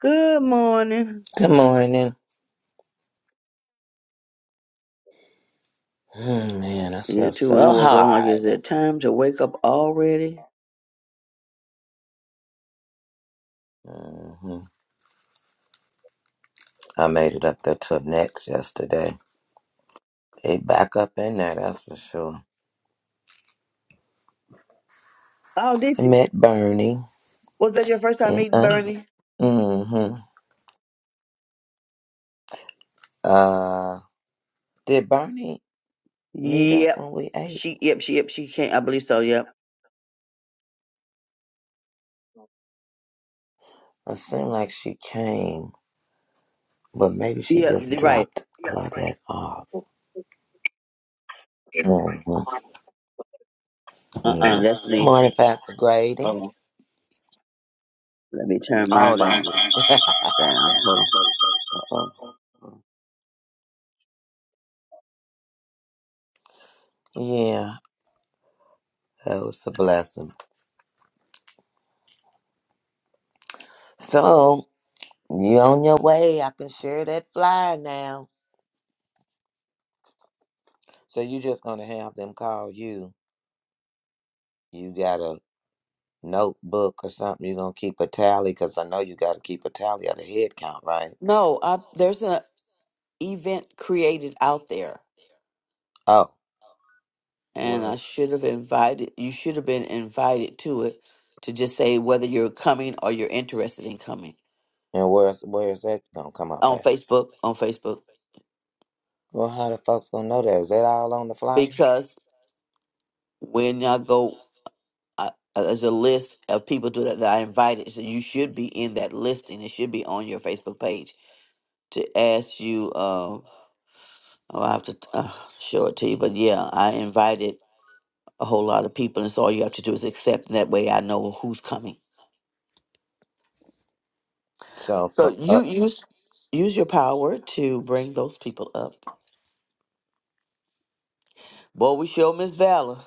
Good morning. Good morning. Mm, Man, I Yeah, slept too. When I so woke up, I'm like, is hard. it time to wake up already? hmm I made it up there till next yesterday. They back up in there, that's for sure. Oh, I did you? met Bernie Was that your first time and meeting Un. Bernie? hmm Uh, did Bernie meet us Yep. when we ate? She, yep, she, yep, she can't. I believe so. Yep. It seemed like she came, but maybe she Yep. just You're right. dropped Claudette off. hmm Uh Yeah. uh that's me. Morning, Pastor Grady. Hold on. Let me turn my Oh, phone that's down. you. Hold on. Hold yeah, that was a blessing. So. You on your way. I can share that flyer now. So you just gonna have them call you. You got a notebook or something. you gonna keep a tally because I know you gotta keep a tally of the head count, right? No, I, there's an event created out there, Oh, and where I should have invited. You should have been invited to it to just say whether you're coming or you're interested in coming and where's where's that gonna come up on at? Facebook. On Facebook, Well, how the folks gonna know that? Is that all on the flyer? because when y'all go, uh, there's a list of people to, that I invited, so you should be in that listing. it should be on your Facebook page to ask you. Um, oh, I have to uh, show it to you, but yeah, I invited a whole lot of people, and so all you have to do is accept. And that way, I know who's coming. So, So but, uh, you use use your power to bring those people up. Boy, we show Miss Valor.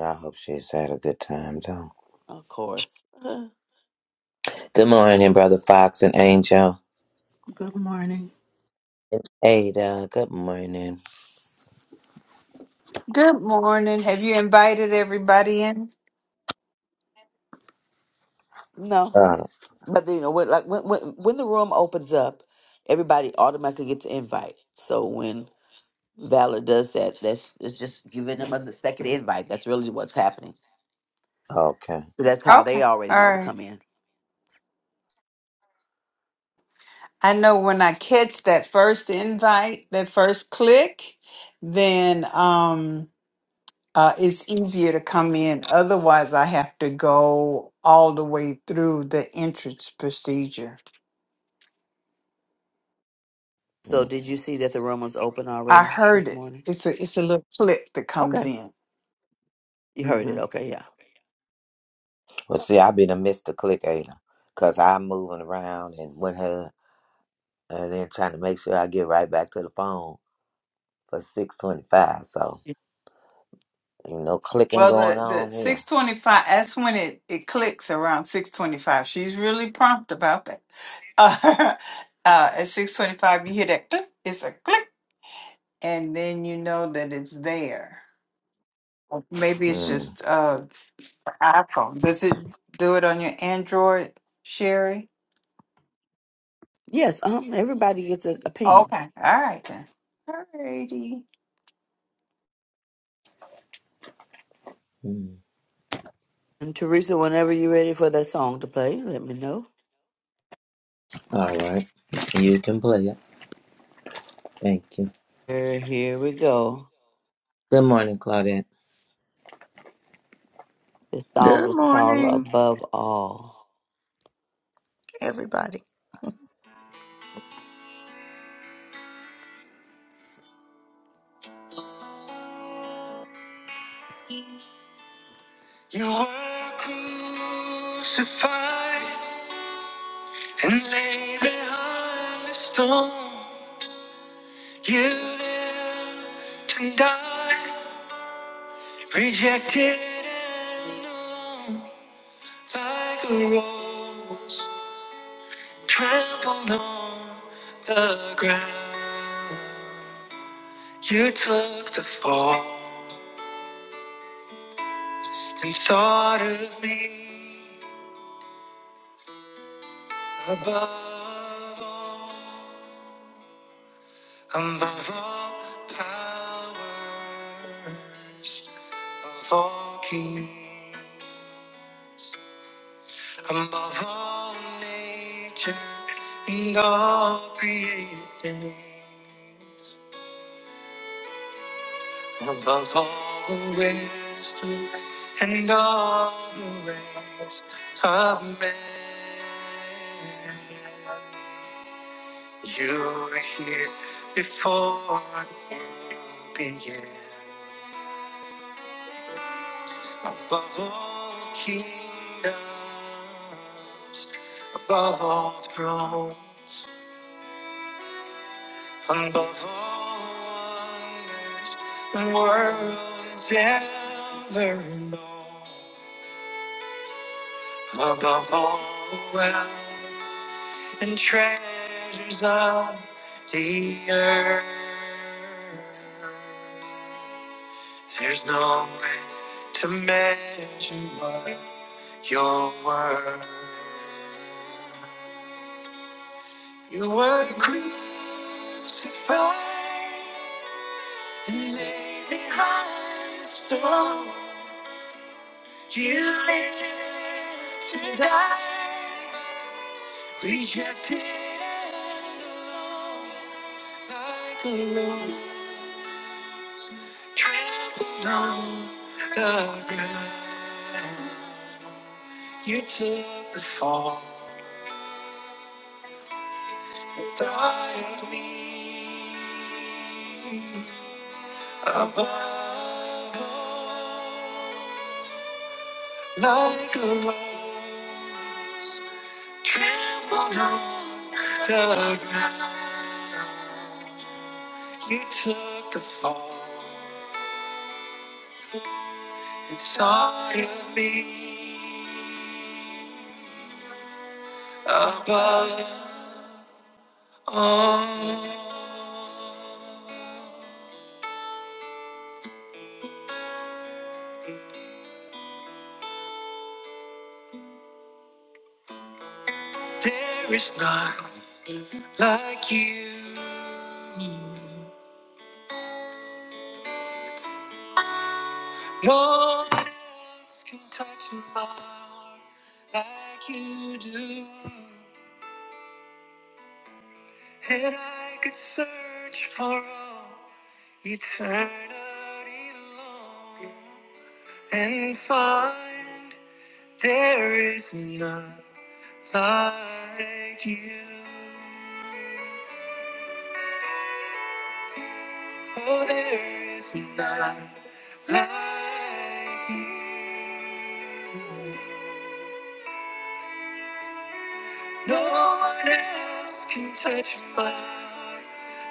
I hope she's had a good time though. of course. Uh, Good morning, brother Fox and Angel. Good morning. Ada, good morning. Good morning. Have you invited everybody in? No. Uh, But you know, when, like when, when when the room opens up, everybody automatically gets an invite. So when Valor does that, that's it's just giving them a second invite. That's really what's happening. okay. So that's how Okay. they already All know to right. come in. I know when I catch that first invite, that first click, then um uh it's easier to come in. Otherwise, I have to go all the way through the entrance procedure. Mm. So did you see that the room was open I already heard this it. morning? It's a it's a little clip that comes Okay. in. You heard it. hmm Okay, yeah. Well, see, I've been a Mr. Click Ada because I'm moving around and with her and then trying to make sure I get right back to the phone for 625. So, you know, clicking Well, going the the on here. six twenty five. That's when it it clicks around six twenty five. She's really prompt about that. Uh, uh, at six twenty five, you hear that click. It's a click, and then you know that it's there. Or Maybe it's Mm. just uh iPhone. Does it do it on your Android, Sherry? Yes, um everybody gets a, a ping. Okay. All right then. All righty. Mm. And Teresa, whenever you're ready for that song to play, let me know. All right. You can play it. Thank you. Here, here we go. Good morning, Claudette. This song Good is called morning, Above All. everybody. You were crucified and laid behind the stone. You lived and died, rejected and known, like a rose trampled on the ground. You took the fall. They thought of me above all, above all powers, above all kings, above all nature and all created things, above all the wisdom and all the ways of man. You were here before the world began. Above all kingdoms, above all thrones, above all wonders, the world has ever known. Above all wealth and treasures of the earth. There's no way to measure what your worth. You were crucified and laid behind the stone. You lived and died, rejected and alone, like a low trampled on the ground. You took the fall. Guide me, above all, like a rose trampled on the ground. You took the fall inside of me above all. There is none. like you. No one else can touch my heart like you do. And I could search for all eternity long and find there is none like you. Oh, there is none like you. No one else can touch my heart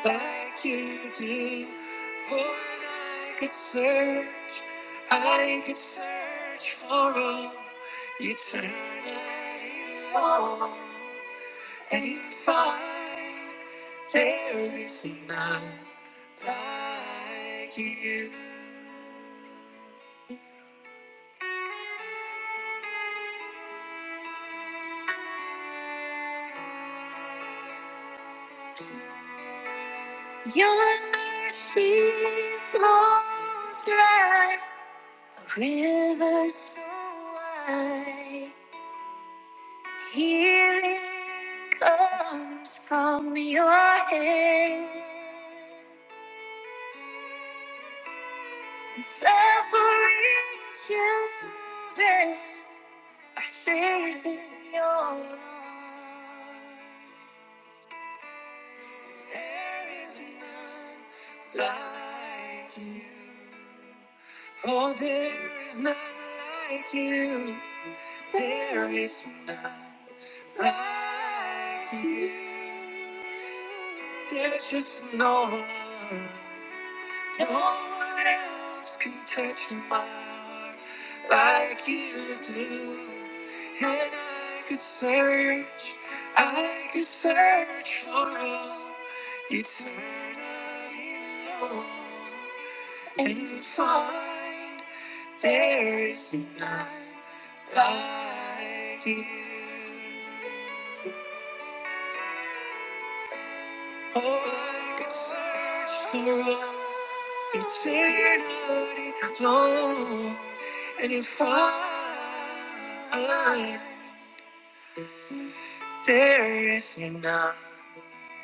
like you do. Lord, I could search, I could search for all eternity long and find there is none like you. Your mercy flows like a river so wide. Healing comes from your hand. And suffering children are saved in your arms. There is none like you. Oh, there is none like you. There is none like you. There's just no one. No one else can touch my heart like you do. And I could search, I could search for all eternity long and find there is none like you. Oh, I could search for eternity long and if I, there is none.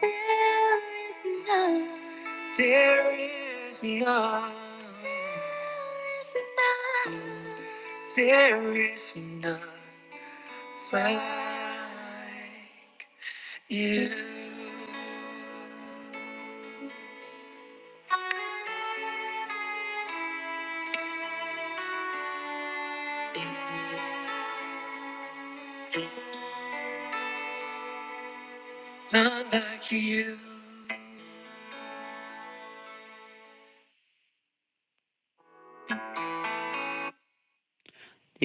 There is none. There is none. There is none. There is none like you. None like you. Do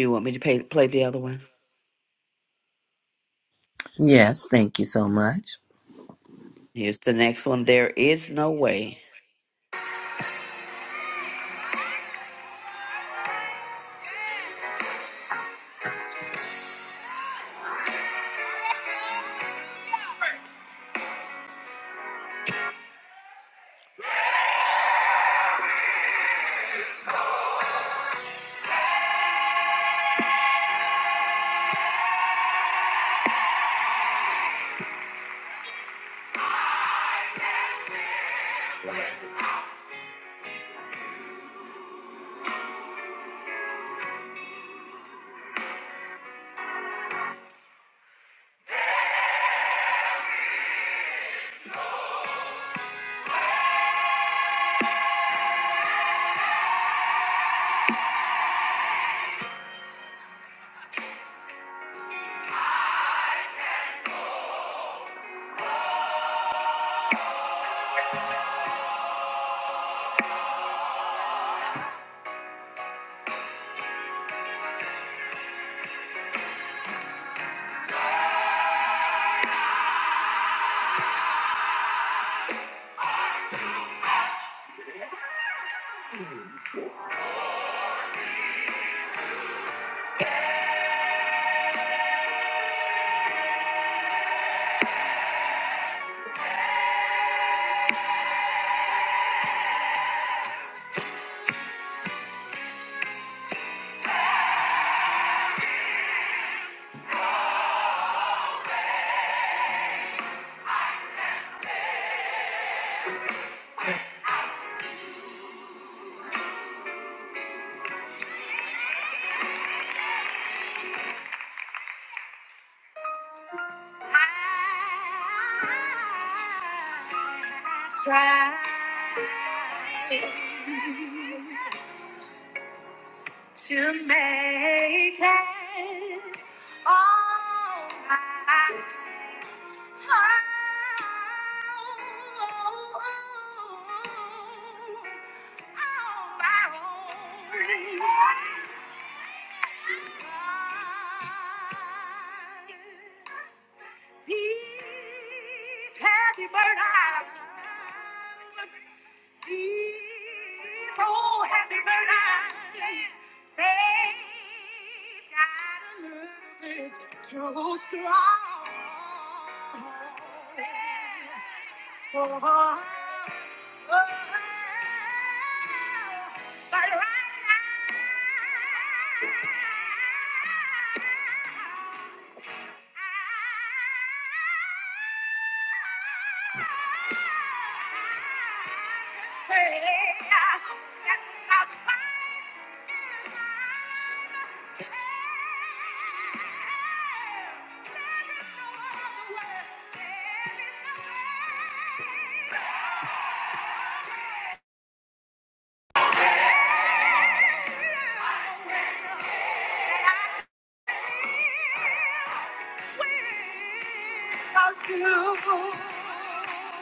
you want me to pay, play the other one? Yes, thank you so much. Here's the next one. There is no way. i tried. to make it all right. Oh, All my own. These happy bird eyes. Oh, happy birthday. They got a little bit too strong. Oh, oh, oh, oh. but right now, I'll do.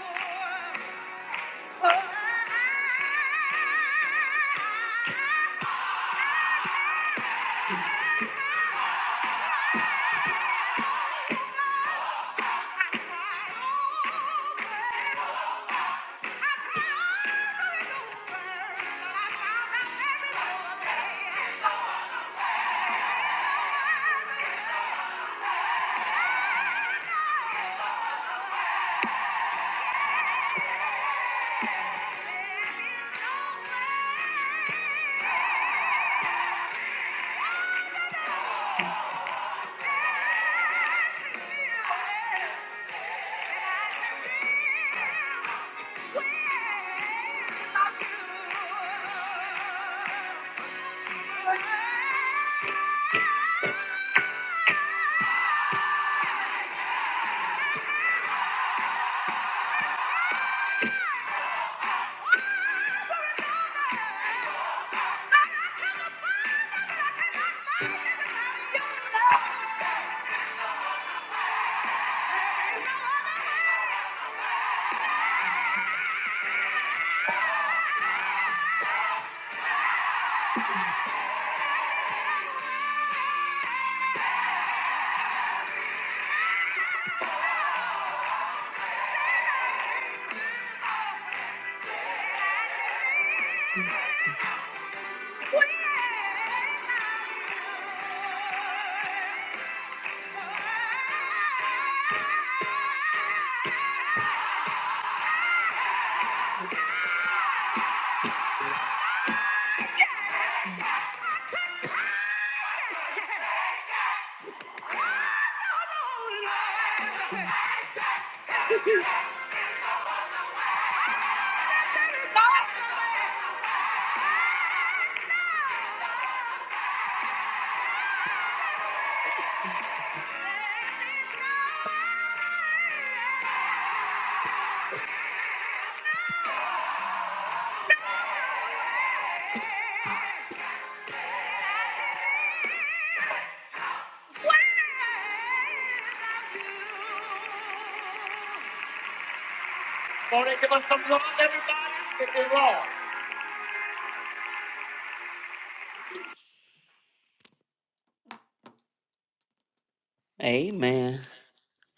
Amen.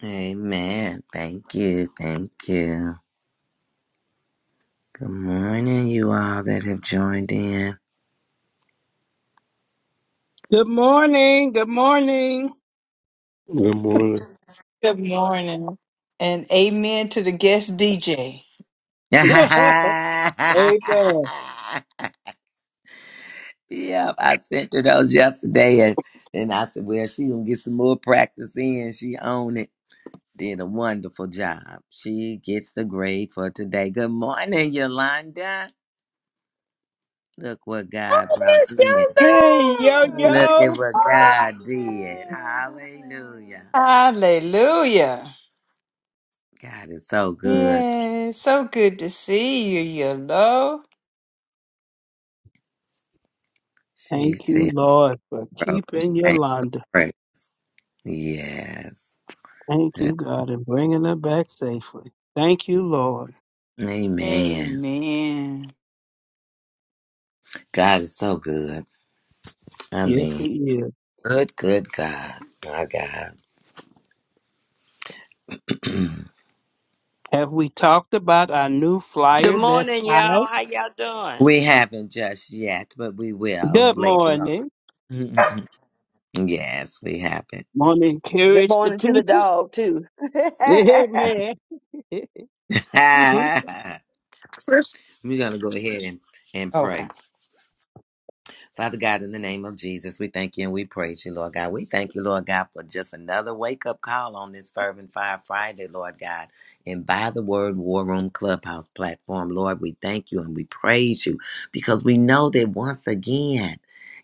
Amen. Thank you. Thank you. Good morning, you all that have joined in. Good morning. Good morning. Good morning. Good morning. And amen to the guest DJ. Amen. Yeah, I sent her those yesterday, and, and I said, "Well, she gonna get some more practice in. She owned it. Did a wonderful job. She gets the grade for today. Good morning, Yolanda. Look what God brought in. Hey, Oh, yo, Miss Look yo. at what God did. Hallelujah. Yogo! Hallelujah. God is so good. Yeah, so good to see you, Yellow. She Thank you, said, Lord, for "Bro, keeping thank Yolanda. you." Yes. Thank you, God, and bringing her back safely. Thank you, Lord. Amen. Amen. God is so good. I Yes, mean, He is. good, good God. My God. Have we talked about our new Good flyer that's morning, out? y'all. How y'all doing? We haven't just yet, but we will Good later on. morning. Mm-mm-mm. Yes, we haven't. Want to Good encourage the morning to the people? dog too. on. Amen. Thank First, We're going to go ahead and, and pray. Okay. Father God, in the name of Jesus, we thank you and we praise you, Lord God. We thank you, Lord God, for just another wake up call on this Fervent Fire Friday, Lord God, and by the Word War Room Clubhouse platform. Lord, we thank you and we praise you because we know that once again,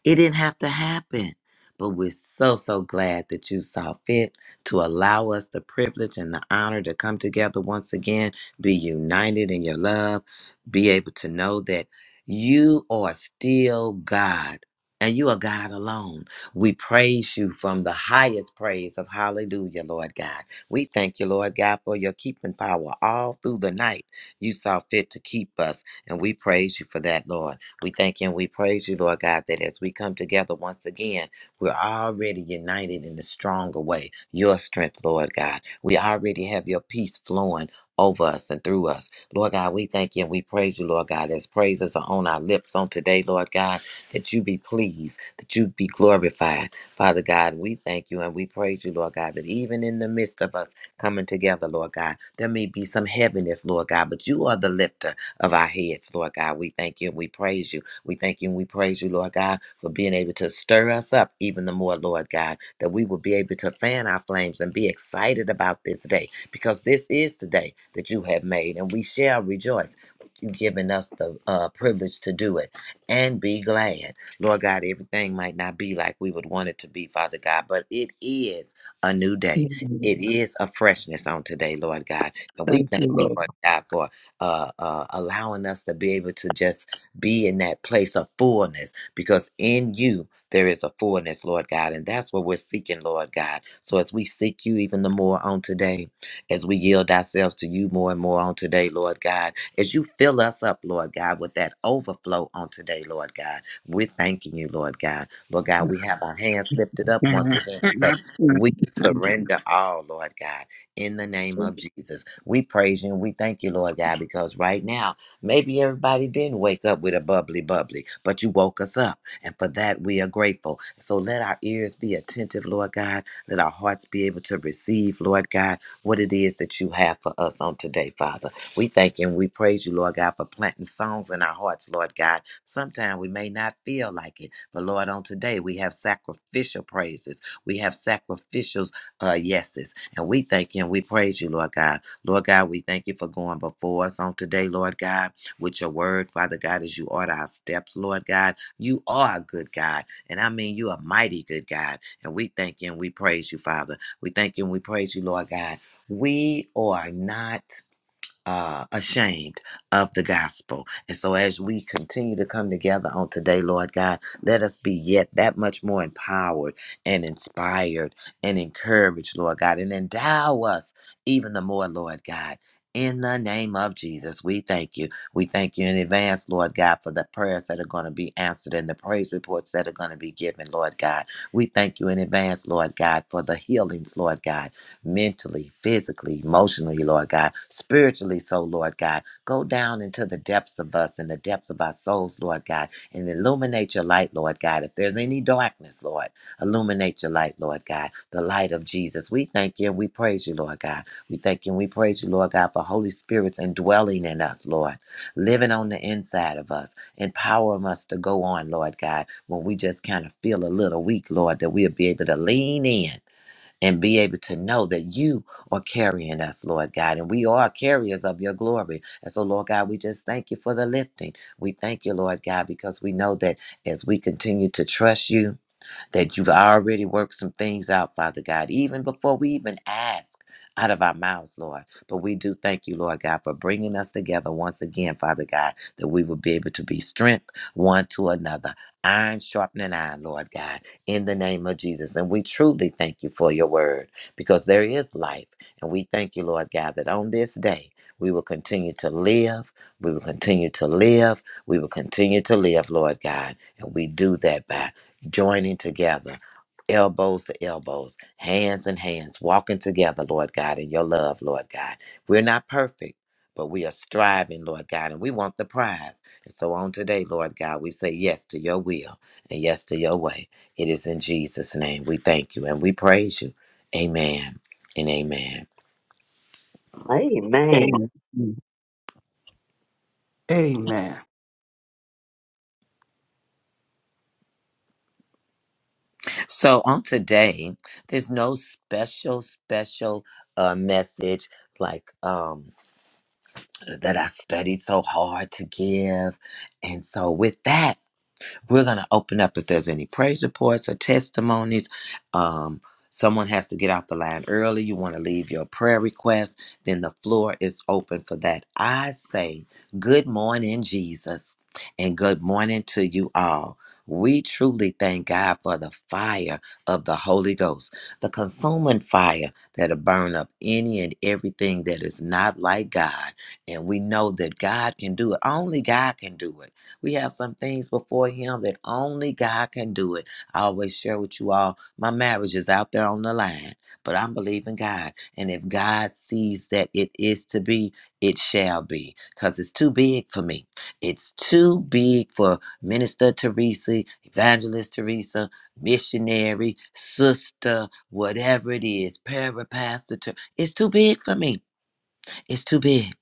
it didn't have to happen. But we're so, so glad that you saw fit to allow us the privilege and the honor to come together once again, be united in your love, be able to know that. You are still God, and you are God alone. We praise you from the highest praise of hallelujah, Lord God. We thank you, Lord God, for your keeping power all through the night. You saw fit to keep us, and we praise you for that, Lord. We thank you and we praise you, Lord God, that as we come together once again, we're already united in a stronger way. Your strength, Lord God. We already have your peace flowing over us and through us. Lord God, we thank you and we praise you, Lord God, as praises are on our lips on today, Lord God, that you be pleased, that you be glorified. Father God, we thank you and we praise you, Lord God, that even in the midst of us coming together, Lord God, there may be some heaviness, Lord God, but you are the lifter of our heads, Lord God. We thank you and we praise you. We thank you and we praise you, Lord God, for being able to stir us up even the more, Lord God that we will be able to fan our flames and be excited about this day because this is the day that you have made and we shall rejoice. You've given us the uh, privilege to do it and be glad. Lord God, everything might not be like we would want it to be, Father God, but it is a new day. It is a freshness on today, Lord God. And we you, thank you, Lord. Lord God, for uh, uh, allowing us to be able to just be in that place of fullness because in you, there is a fullness, Lord God. And that's what we're seeking, Lord God. So as we seek you even the more on today, as we yield ourselves to you more and more on today, Lord God, as you fill us up, Lord God, with that overflow on today, Lord God, we're thanking you, Lord God. Lord God, we have our hands lifted up once again and say, Amen. we surrender all, Lord God, in the name of Jesus. We praise you and we thank you, Lord God, because right now, maybe everybody didn't wake up with a bubbly, bubbly, but you woke us up. And for that, we are grateful. So let our ears be attentive, Lord God. Let our hearts be able to receive, Lord God, what it is that you have for us on today, Father. We thank you and we praise you, Lord God, for planting songs in our hearts, Lord God. Sometimes we may not feel like it, but Lord, on today, we have sacrificial praises. We have sacrificial uh, yeses. And we thank you and we praise you, Lord God. Lord God, we thank you for going before us on today, Lord God, with your word, Father God, as you order our steps, Lord God. You are a good God. And I mean, you are a mighty good God. And we thank you and we praise you, Father. We thank you and we praise you, Lord God. We are not uh, ashamed of the gospel. And so, as we continue to come together on today, Lord God, let us be yet that much more empowered and inspired and encouraged, Lord God, and endow us even the more, Lord God. In the name of Jesus, we thank you. We thank you in advance, Lord God, for the prayers that are going to be answered and the praise reports that are going to be given, Lord God. We thank you in advance, Lord God, for the healings, Lord God mentally, physically, emotionally, Lord God, spiritually, so Lord God. Go down into the depths of us and the depths of our souls, Lord God, and illuminate your light, Lord God. If there's any darkness, Lord, illuminate your light, Lord God, the light of Jesus. We thank you and we praise you, Lord God. We thank you and we praise you, Lord God, for Holy Spirit's indwelling in us, Lord, living on the inside of us, empowering us to go on, Lord God, when we just kind of feel a little weak, Lord, that we'll be able to lean in and be able to know that you are carrying us, Lord God, and we are carriers of your glory. And so, Lord God, we just thank you for the lifting. We thank you, Lord God, because we know that as we continue to trust you, that you've already worked some things out, Father God, even before we even ask out of our mouths, Lord. But we do thank you, Lord God, for bringing us together once again, Father God, that we will be able to be strength one to another, iron sharpening iron, Lord God, in the name of Jesus. And we truly thank you for your word because there is life. And we thank you, Lord God, that on this day, we will continue to live. We will continue to live. We will continue to live, Lord God. And we do that by joining together, elbows to elbows, hands in hands, walking together, Lord God, in your love, Lord God. We're not perfect, but we are striving, Lord God, and we want the prize. And so on today, Lord God, we say yes to your will and yes to your way. It is in Jesus' name we thank you and we praise you. Amen and amen. Hey, man. Amen. So on today, there's no special, special uh, message like, um, that I studied so hard to give. And so, with that, we're going to open up if there's any praise reports or testimonies. Um, someone has to get off the line early. You want to leave your prayer request, then the floor is open for that. I say, Good morning, Jesus, and good morning to you all. We truly thank God for the fire of the Holy Ghost, the consuming fire that'll burn up any and everything that is not like God. And we know that God can do it. Only God can do it. We have some things before Him that only God can do it. I always share with you all my marriage is out there on the line, but I'm believing God. And if God sees that it is to be, it shall be because it's too big for me. It's too big for Minister Teresa, Evangelist Teresa, missionary, sister, whatever it is, parapastor. It's too big for me. It's too big.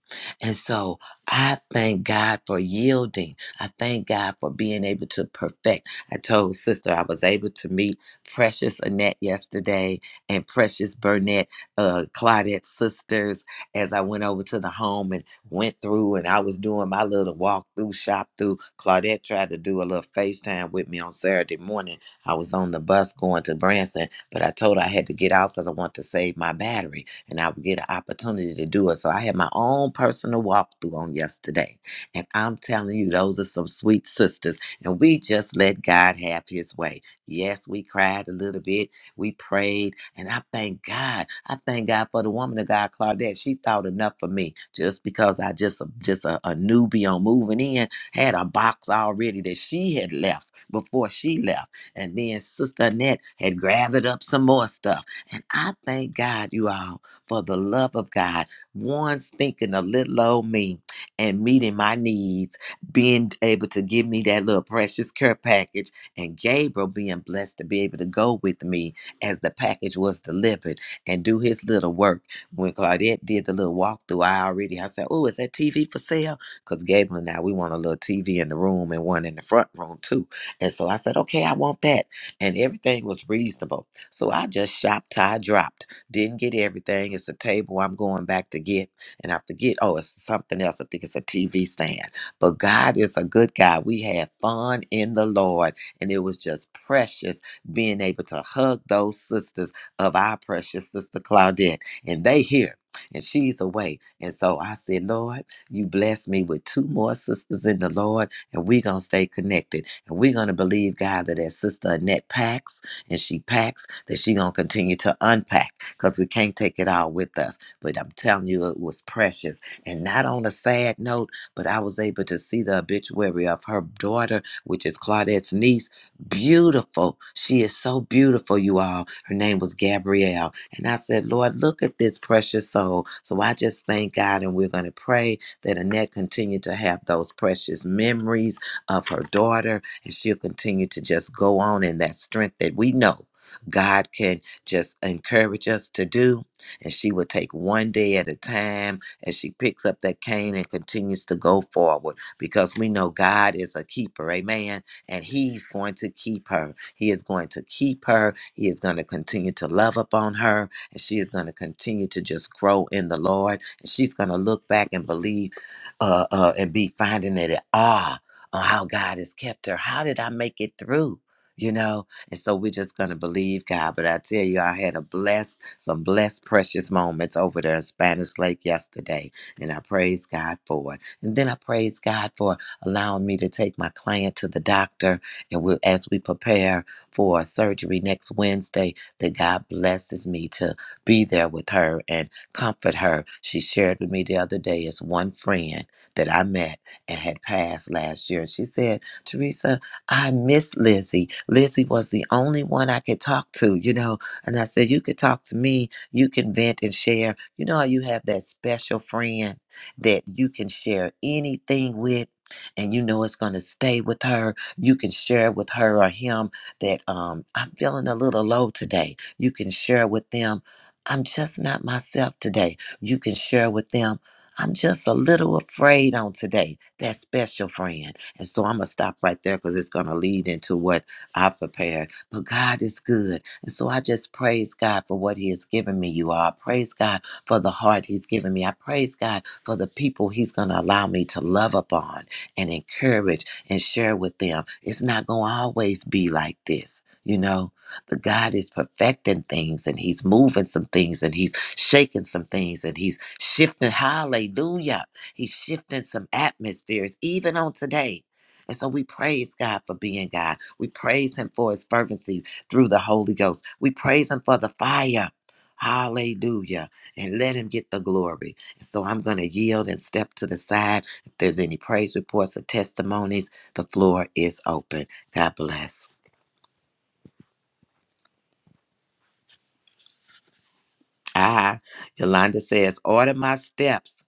And so I thank God for yielding. I thank God for being able to perfect. I told sister I was able to meet Precious Annette yesterday and Precious Burnett, uh, Claudette's sisters, as I went over to the home and went through and I was doing my little walk through, shop through. Claudette tried to do a little FaceTime with me on Saturday morning. I was on the bus going to Branson, but I told her I had to get out because I want to save my battery and I would get an opportunity to do it. So I had my own personal walkthrough on yesterday. And I'm telling you, those are some sweet sisters. And we just let God have his way. Yes, we cried a little bit. We prayed. And I thank God. I thank God for the woman of God, Claudette. She thought enough for me just because I just, just a, a newbie on moving in, had a box already that she had left before she left. And then Sister Annette had gathered up some more stuff. And I thank God, you all for the love of God, once thinking a little old me and meeting my needs, being able to give me that little precious care package, and Gabriel being blessed to be able to go with me as the package was delivered and do his little work. When Claudette did the little walkthrough, I already I said, "Oh, is that TV for sale?" Because Gabriel and I we want a little TV in the room and one in the front room too. And so I said, "Okay, I want that," and everything was reasonable. So I just shopped, I dropped. Didn't get everything. It's a table I'm going back to get. And I forget, oh, it's something else. I think it's a TV stand. But God is a good God. We had fun in the Lord. And it was just precious being able to hug those sisters of our precious sister Claudette. And they here. And she's away. And so I said, Lord, you bless me with two more sisters in the Lord, and we're going to stay connected. And we're going to believe, God, that as Sister Annette Pax and she packs, that she gonna continue to unpack because we can't take it all with us. But I'm telling you, it was precious. And not on a sad note, but I was able to see the obituary of her daughter, which is Claudette's niece. Beautiful. She is so beautiful, you all. Her name was Gabrielle. And I said, Lord, look at this precious soul. So I just thank God and we're gonna pray that Annette continue to have those precious memories of her daughter and she'll continue to just go on in that strength that we know God can just encourage us to do. And she will take one day at a time as she picks up that cane and continues to go forward because we know God is a keeper, amen. And He's going to keep her. He is going to keep her. He is going to continue to love upon her. And she is going to continue to just grow in the Lord. And she's going to look back and believe uh, uh, and be finding it at awe on how God has kept her. How did I make it through? You know, and so we're just gonna believe God. But I tell you, I had a blessed, some blessed, precious moments over there in Spanish Lake yesterday, and I praise God for it. And then I praise God for allowing me to take my client to the doctor, and we, as we prepare for surgery next Wednesday, that God blesses me to be there with her and comfort her. She shared with me the other day as one friend that I met and had passed last year. She said, Teresa, I miss Lizzie. Lizzie was the only one I could talk to, you know. And I said, You could talk to me, you can vent and share. You know how you have that special friend that you can share anything with. And you know it's gonna stay with her. You can share with her or him that um, I'm feeling a little low today. You can share with them I'm just not myself today. You can share with them I'm just a little afraid on today, that special friend. And so I'm going to stop right there because it's going to lead into what I prepared. But God is good. And so I just praise God for what He has given me, you all. I praise God for the heart He's given me. I praise God for the people He's going to allow me to love upon and encourage and share with them. It's not going to always be like this. You know, the God is perfecting things and He's moving some things and He's shaking some things and he's shifting. Hallelujah. He's shifting some atmospheres even on today. And so we praise God for being God. We praise him for his fervency through the Holy Ghost. We praise him for the fire. Hallelujah. And let him get the glory. And so I'm going to yield and step to the side. If there's any praise reports or testimonies, the floor is open. God bless. Ah, Yolanda says, order my steps.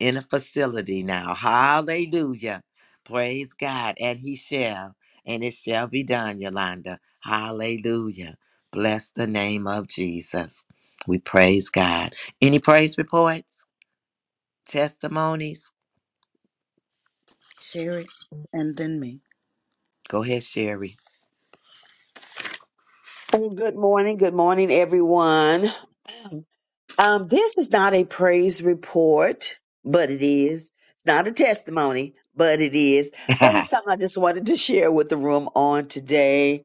in a facility now. Hallelujah. Praise God. And he shall, and it shall be done, Yolanda. Hallelujah. Bless the name of Jesus. We praise God. Any praise reports, testimonies? Sherry, and then me. Go ahead, Sherry. Oh, good morning. Good morning, everyone. Um, this is not a praise report, but it is. It's not a testimony, but it is. But it's something I just wanted to share with the room on today.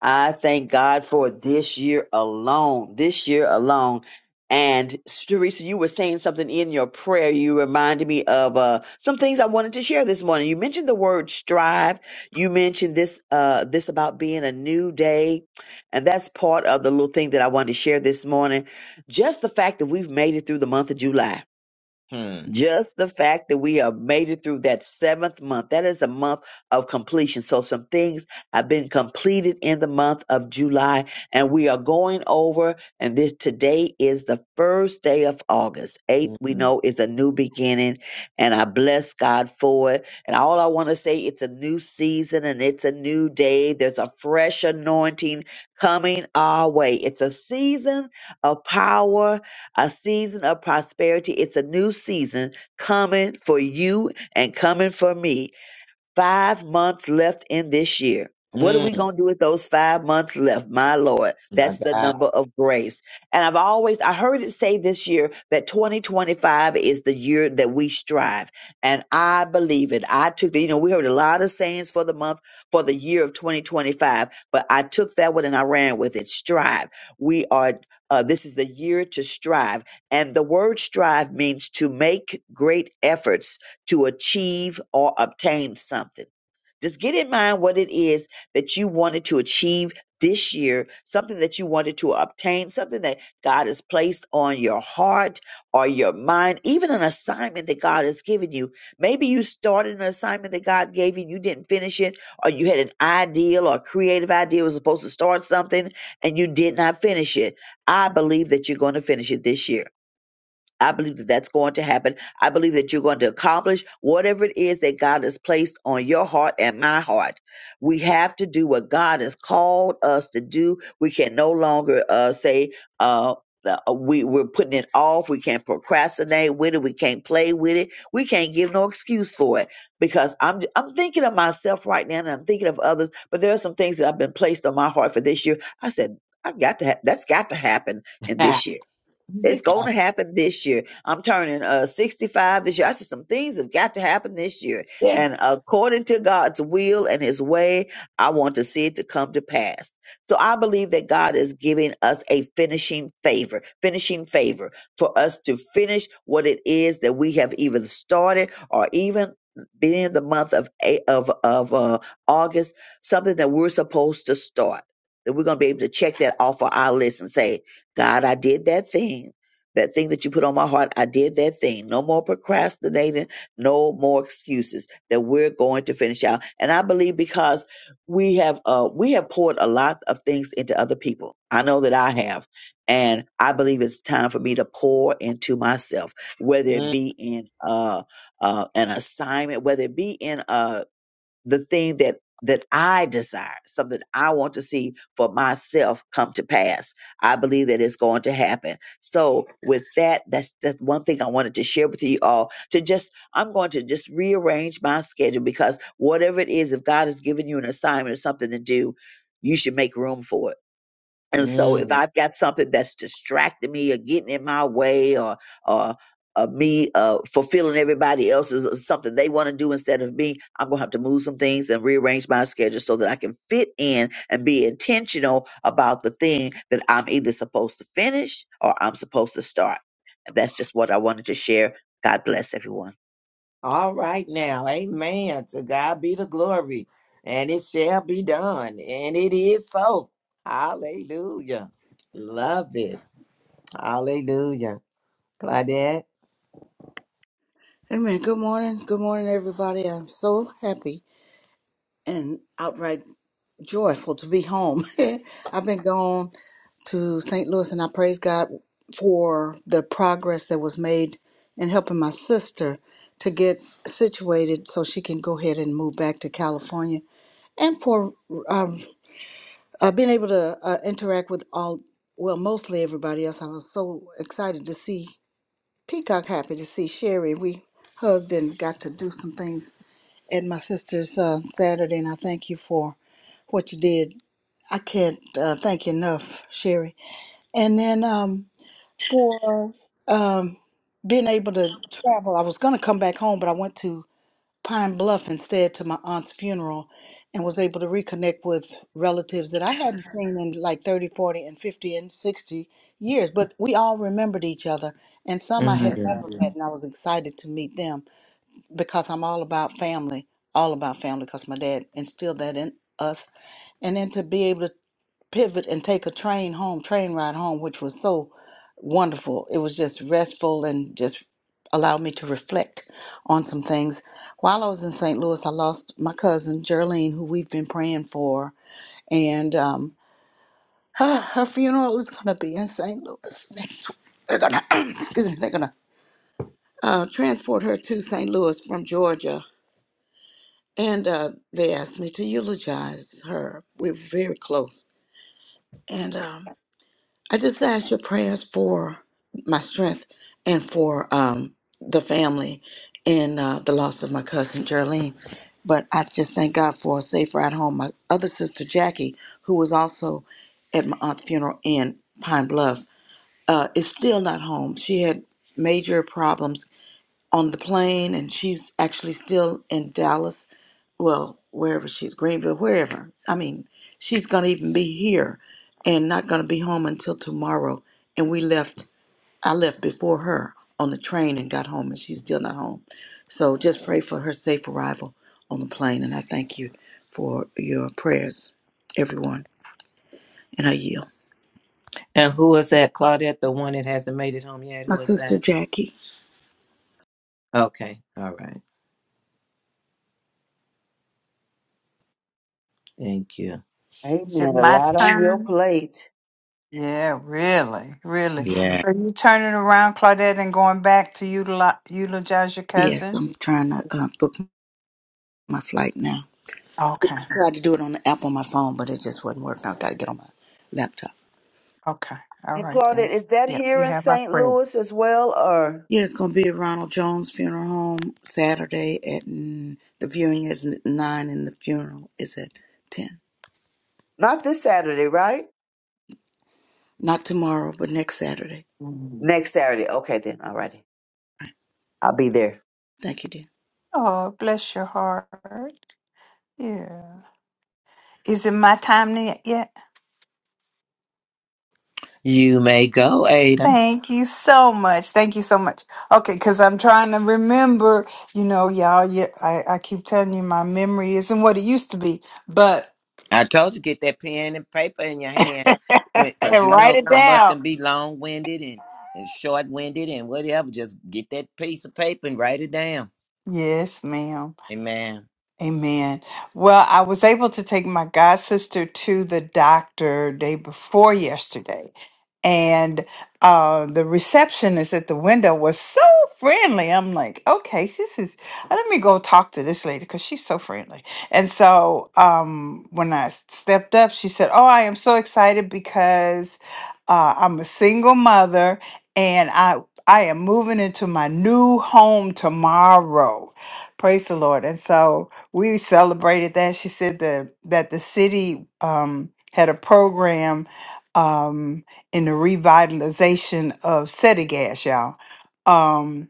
I thank God for this year alone. This year alone. And Teresa, you were saying something in your prayer. You reminded me of uh, some things I wanted to share this morning. You mentioned the word strive. You mentioned this uh, this about being a new day, and that's part of the little thing that I wanted to share this morning. Just the fact that we've made it through the month of July hmm. just the fact that we have made it through that seventh month, that is a month of completion. So, some things have been completed in the month of July, and we are going over. And this today is the first day of August. Eight, we Mm, mm, know, is a new beginning, and I bless God for it. And all I want to say, it's a new season and it's a new day. There's a fresh anointing coming our way. It's a season of power a season of prosperity. It's a new season coming for you and coming for me five months left in this year. What are we mm. going to do with those five months left? My Lord, that's the my number of grace. And I've always, I heard it say this year that 2025 is the year that we strive. And I believe it. I took the, you know, we heard a lot of sayings for the month, for the year of 2025, but I took that one and I ran with it. Strive. We are, uh, this is the year to strive. And the word strive means to make great efforts to achieve or obtain something. Just get in mind what it is that you wanted to achieve this year, something that you wanted to obtain, something that God has placed on your heart or your mind, even an assignment that God has given you. Maybe you started an assignment that God gave you and you didn't finish it, or you had an ideal or creative idea was supposed to start something and you did not finish it. I believe that you're going to finish it this year I believe that that's going to happen. I believe that you're going to accomplish whatever it is that God has placed on your heart and my heart. We have to do what God has called us to do. We can no longer uh, say, uh, the- uh, we, we're putting it off. We can't procrastinate with it. We can't play with it. We can't give no excuse for it because I'm, I'm thinking of myself right now and I'm thinking of others, but there are some things that have been placed on my heart for this year. I said, I've got to, ha- that's got to happen in God. this year. It's going to happen this year. I'm turning uh, 65 this year. I said some things have got to happen this year. And according to God's will and his way, I want to see it to come to pass. So I believe that God is giving us a finishing favor, finishing favor for us to finish what it is that we have even started or even being the month of A- of of uh, August, something that we're supposed to start. That we're going to be able to check that off of our list and say, God, I did that thing. That thing that you put on my heart, I did that thing. No more procrastinating, no more excuses that we're going to finish out. And I believe because we have uh we have poured a lot of things into other people. I know that I have. And I believe it's time for me to pour into myself, whether it Mm, be in uh, uh, an assignment, whether it be in a the thing that that I desire, something I want to see for myself come to pass. I believe that it's going to happen. So with that, that's that's one thing I wanted to share with you all to just I'm going to just rearrange my schedule because whatever it is, if God has given you an assignment or something to do, you should make room for it and so mm. if I've got something that's distracting me or getting in my way or or uh, me uh, fulfilling everybody else's or something they want to do instead of me, I'm gonna have to move some things and rearrange my schedule so that I can fit in and be intentional about the thing that I'm either supposed to finish or I'm supposed to start. And that's just what I wanted to share. God bless everyone. All right now. Amen. To God be the glory. And it shall be done. And it is so. Hallelujah. Love it. Hallelujah. Claudette. Amen. Good morning. Good morning, everybody. I'm so happy and outright joyful to be home. I've been gone to St. Louis and I praise God for the progress that was made in helping my sister to get situated so she can go ahead and move back to California and for um. uh, being able to uh, interact with all, well, mostly everybody else. I was so excited to see Peacock, happy to see Sherry. We hugged and got to do some things at my sister's uh, Saturday, and I thank you for what you did. I can't uh, thank you enough, Sherry. And then um, for um, being able to travel, I was going to come back home, but I went to Pine Bluff instead to my aunt's funeral and was able to reconnect with relatives that I hadn't seen in like 30, 40, and 50 and 60 years. But we all remembered each other, and some I hmm had never Mhm. met, and I was excited to meet them because I'm all about family, all about family because my dad instilled that in us. And then to be able to pivot and take a train home, train ride home, which was so wonderful. It was just restful and just allowed me to reflect on some things. While I was in St. Louis, I lost my cousin, Geraldine, who we've been praying for. And um, her, her funeral is going to be in St. Louis next week. They're going to, excuse me, they're going to uh, transport her to St. Louis from Georgia. And uh, they asked me to eulogize her. We're very close. And um, I just ask your prayers for my strength and for um, the family and uh, the loss of my cousin Geraldine. But I just thank God for a safe ride home. My other sister Jackie, who was also at my aunt's funeral in Pine Bluff, uh, is still not home. She had major problems on the plane, and she's actually still in Dallas well, wherever she's, Greenville, wherever. I mean, she's going to even be here and not going to be home until tomorrow. And we left, I left before her on the train and got home, and she's still not home. So just pray for her safe arrival on the plane. And I thank you for your prayers, everyone. And I yield. And who is that? Claudette, the one that hasn't made it home yet. My Who is sister that? Jackie. Okay. All right. Thank you. Amen. Is it A my lot on your turn? plate. Yeah, really, really. Yeah. So you turning around, Claudette, and going back to utilize, eulogize your Yes, cousin? I'm trying to uh, book my flight now. Okay. I tried to do it on the app on my phone, but it just wasn't working. I got to get on my laptop. Okay. All And right then. Claudette, is that Yep. here You in have our St. Louis prayers. as well, or Yeah, it's going to be at Ronald Jones Funeral Home Saturday at mm, the viewing is at nine and the funeral is at ten. not this Saturday, right? Not tomorrow, but next Saturday. Mhm. Next Saturday. Okay then. All righty. I'll be there. Thank you, dear. Oh, bless your heart. Yeah. Is it my time ne- yet? You may go, Ada. Thank you so much. Thank you so much. Okay, because I'm trying to remember, you know, y'all, yeah, I, I keep telling you my memory isn't what it used to be, but I told you get that pen and paper in your hand, because you write know it some of us down. can be long winded and and short winded and whatever. Just get that piece of paper and write it down. Yes, ma'am. Amen. Amen. Well, I was able to take my god sister to the doctor day before yesterday and uh, the receptionist at the window was so friendly. I'm like, okay, this is. Let me go talk to this lady because she's so friendly. And so um, when I stepped up, she said, "Oh, I am so excited because uh, I'm a single mother and I I am moving into my new home tomorrow." Praise the Lord. And so we celebrated that. She said that that the city um, had a program. Um, in the revitalization of SETI Gas, y'all. Um,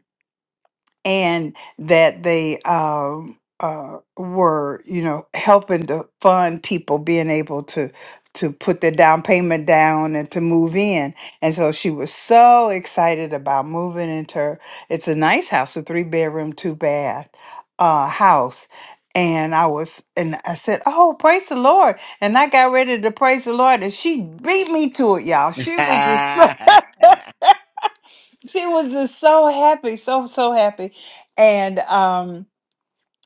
and that they um, uh, were, you know, helping to fund people being able to to put their down payment down and to move in. And so she was so excited about moving into. her- It's a nice house, a three bedroom, two bath uh, house. And I was, and I said, "Oh, praise the Lord!" And I got ready to praise the Lord, and she beat me to it, y'all. She was just she was just so happy, so so happy, and um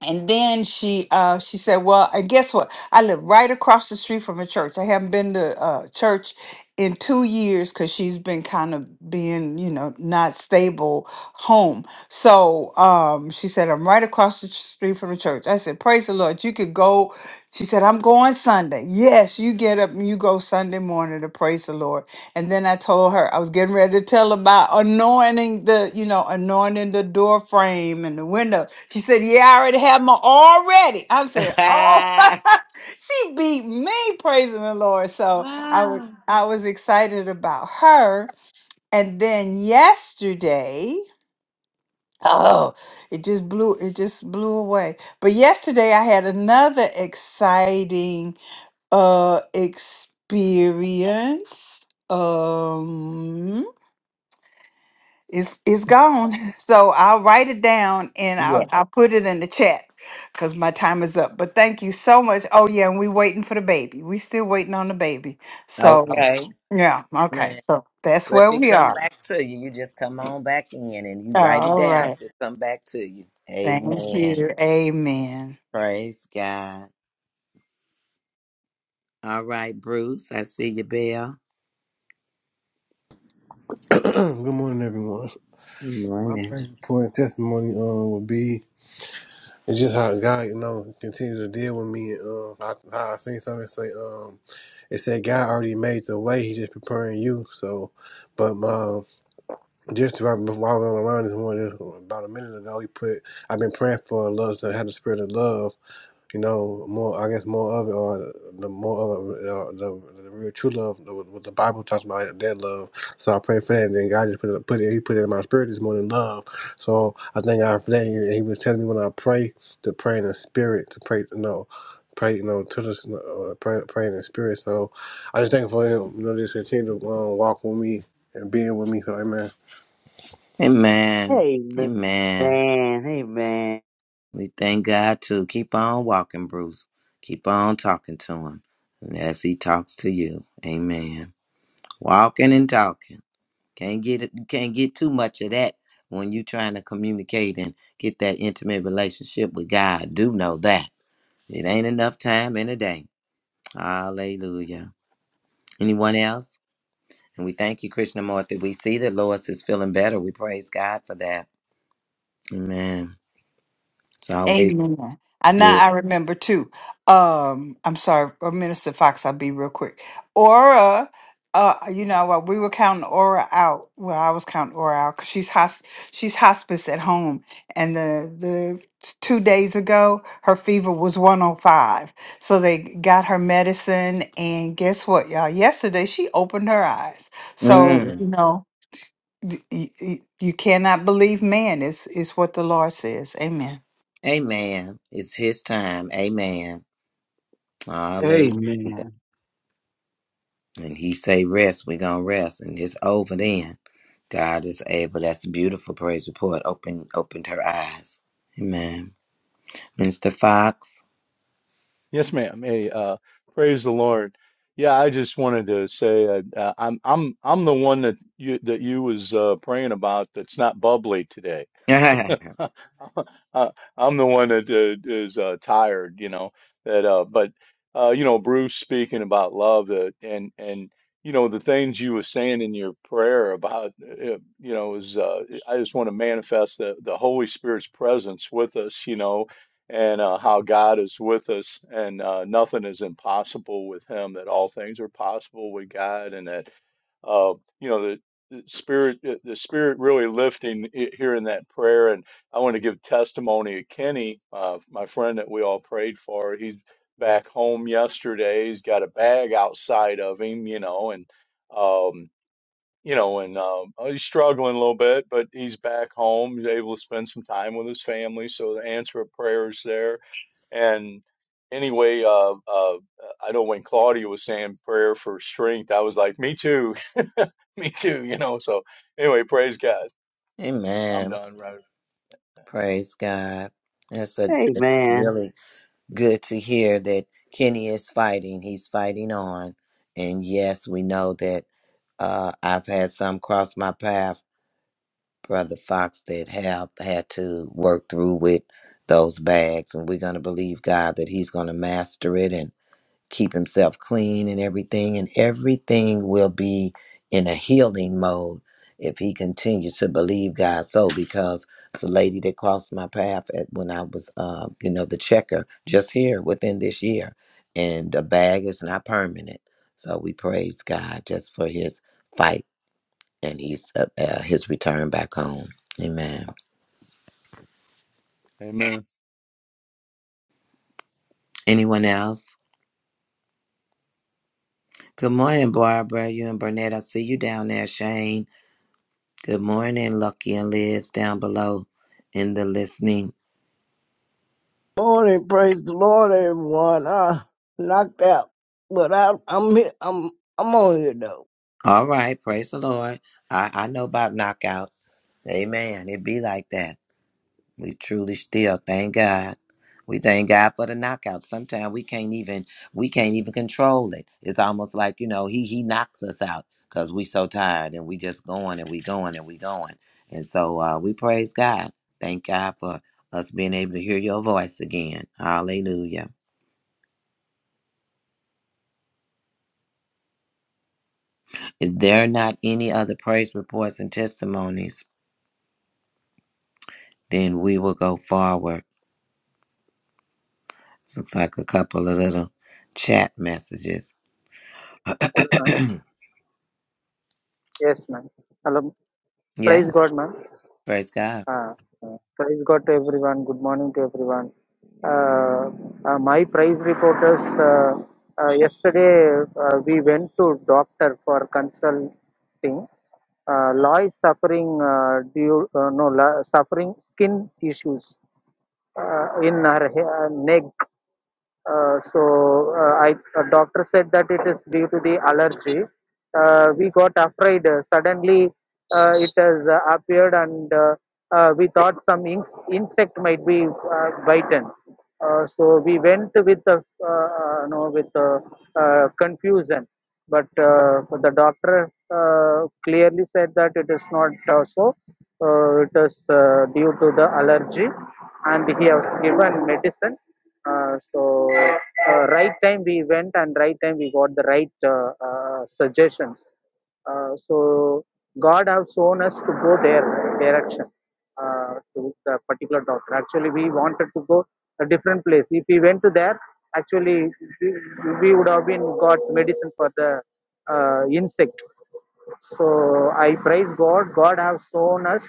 and then she uh she said well and guess what i live right across the street from a church i haven't been to uh church in two years because she's been kind of being you know not stable home so um she said i'm right across the street from the church i said praise the lord you could go she said i'm going sunday yes you get up and you go sunday morning to praise the lord and then i told her i was getting ready to tell about anointing the you know anointing the door frame and the window she said, Yeah, I already have my already. I'm saying, Oh, she beat me praising the Lord. So I was Ah. I was excited about her. And then yesterday, oh, it just blew it just blew away. But yesterday I had another exciting uh experience. Um It's it's gone. So I'll write it down and yeah. I'll I'll put it in the chat because my time is up. But thank you so much. Oh yeah, and we waiting for the baby. We still waiting on the baby. So Oh. Okay. yeah, okay. Man. So that's Well, if where it we come are. back to you, you just come on back in and you write it All down. right. If it come back to you. Thank Amen. you. Amen. Praise God. All right, Bruce. I see you, Bill. Good morning, everyone. Good My morning. first report and testimony um would be it's just how God, you know, continues to deal with me and um I, how I seen something say um it said God already made the way, He just preparing you. So, but um just right before I was on the line this morning, about a minute ago, He put I've been praying for love to have the spirit of love you know, more I guess more of it, or the more of it, uh, the, the real true love, the, what the Bible talks about, that love. So I pray for that, and then God just put it, put it, He put it in my spirit this morning, love. So I thank God for that. And He was telling me when I pray to pray in the spirit, to pray, you know, pray, you know, to this, uh, pray, pray in the spirit. So I just thank you for Him, you know, just continue to um, walk with me and being with me. So Amen. Amen. Amen. Amen. Amen. We thank God too. Keep on walking, Bruce. Keep on talking to him as he talks to you. Amen. Walking and talking. Can't get it, can't get too much of that when you're trying to communicate and get that intimate relationship with God. Do know that. It ain't enough time in a day. Hallelujah. Anyone else? And we thank you, Krishnamurti. We see that Lois is feeling better. We praise God for that. Amen. It's always Amen. And good. now I remember too. Um, I'm sorry, uh, Minister Fox, I'll be real quick. Aura, uh, you know what? We were counting Aura out. Well, I was counting Aura out because she's hosp- she's hospice at home. And the the two days ago, her fever was 105. So they got her medicine, and guess what, y'all? Yesterday she opened her eyes. So Mm. you know, y- y- y- you cannot believe man. It's it's what the Lord says. Amen. Amen. It's his time. Amen. Hallelujah. Amen. And he say rest, we gonna rest. And it's over then. God is able. That's a beautiful praise report. Open opened her eyes. Amen. Mister Fox. Yes, ma'am. Hey, uh, praise the Lord. Yeah, I just wanted to say uh, uh, I'm I'm I'm the one that you that you was uh, praying about that's not bubbly today. Amen. I- I'm the one that uh, is uh, tired, you know. That, uh, but uh, you know, Bruce speaking about love, uh, and and you know the things you were saying in your prayer about, uh, you know, is uh, I just want to manifest the the Holy Spirit's presence with us, you know, and uh, how God is with us, and uh, nothing is impossible with Him. That all things are possible with God, and that. Uh, you know, spirit uh, the spirit really lifting here in that prayer and i want to give testimony of kenny uh, my friend that we all prayed for he's back home yesterday he's got a bag outside of him you know and um you know and um uh, he's struggling a little bit but he's back home he's able to spend some time with his family so the answer of prayers there and anyway uh uh i know when claudia was saying prayer for strength i was like me too Me too, you know. So anyway, praise God. I'm done, right? Praise God. That's a that's Amen. really good to hear that Kenny is fighting. He's fighting on. And yes, we know that uh, I've had some cross my path Brother Fox that have had to work through with those bags. And we're going to believe God that He's going to master it and keep Himself clean and everything. And everything will be in a healing mode if He continues to believe God so. Because it's a lady that crossed my path at, when I was, uh, you know, the checker just here within this year. And the bag is not permanent. So we praise God just for His fight and he's uh, uh, his return back home. Amen. Amen. Anyone else? Good morning, Barbara. You and Burnett. I see you down there, Shane. Good morning, Lucky and Liz down below in the listening. Morning, praise the Lord, everyone. I knocked out, but I, I'm here. I'm I'm on here though. All right, praise the Lord. I, I know about knockout. Amen. It be like that. We truly still thank God. We thank God for the knockout. Sometimes we can't even we can't even control it. It's almost like you know he he knocks us out because we so tired and we just going and we going and we going. And so uh, we praise God. Thank God for us being able to hear your voice again. Hallelujah. Is there are not any other praise reports and testimonies? Then we will go forward. Looks like a couple of little chat messages. Hello, ma'am. Yes, ma'am. Hello. Praise yes. God, ma'am. Praise God. Uh, uh, praise God to everyone. Good morning to everyone. Uh, uh, my praise reporters. Uh, uh, yesterday uh, we went to doctor for consulting. Uh, law is suffering uh, due uh, no la, suffering skin issues uh, in her hair, neck. Uh, so uh, I a doctor said that it is due to the allergy. Uh, we got afraid. Uh, suddenly, uh, it has uh, appeared, and uh, uh, we thought some inc- insect might be uh, bitten. Uh, so we went with the uh, uh, no with uh, uh, confusion, but uh, the doctor uh, clearly said that it is not uh, so. Uh, it is uh, due to the allergy, and he has given medicine uh, so uh, right time we went and right time we got the right uh, uh, suggestions. Uh, so God have shown us to go their direction uh, to the particular doctor. Actually, we wanted to go a different place. If we went to there, actually we, we would have been got medicine for the uh, insect. So I praise God. God have shown us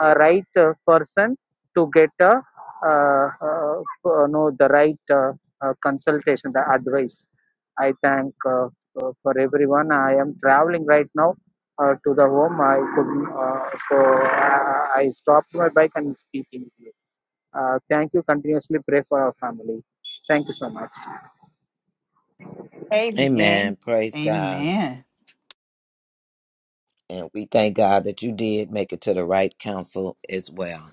a right uh, person to get a, uh, uh, uh, no the right uh, uh, consultation, the advice. I thank uh, uh, for everyone. I am traveling right now uh, to the home. I couldn't, uh, so I, I stopped my bike and speaking. to you. Uh, thank you. Continuously pray for our family. Thank you so much. Amen. Amen. Praise God. Amen. And we thank God that you did make it to the right counsel as well.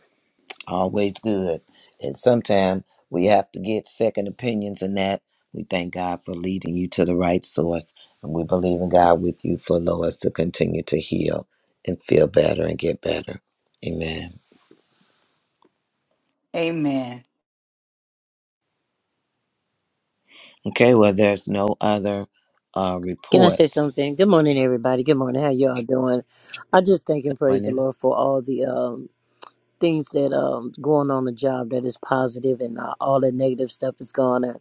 Always good. And sometimes we have to get second opinions in that. We thank God for leading you to the right source. And we believe in God with you for Lois to continue to heal and feel better and get better. Amen. Amen. Okay, well, there's no other uh, Can I say reports. something? Good morning, everybody. Good morning. How y'all doing? I just thank and praise the Morning. Lord for all the um things that um going on the job that is positive and uh, all the negative stuff is gone. And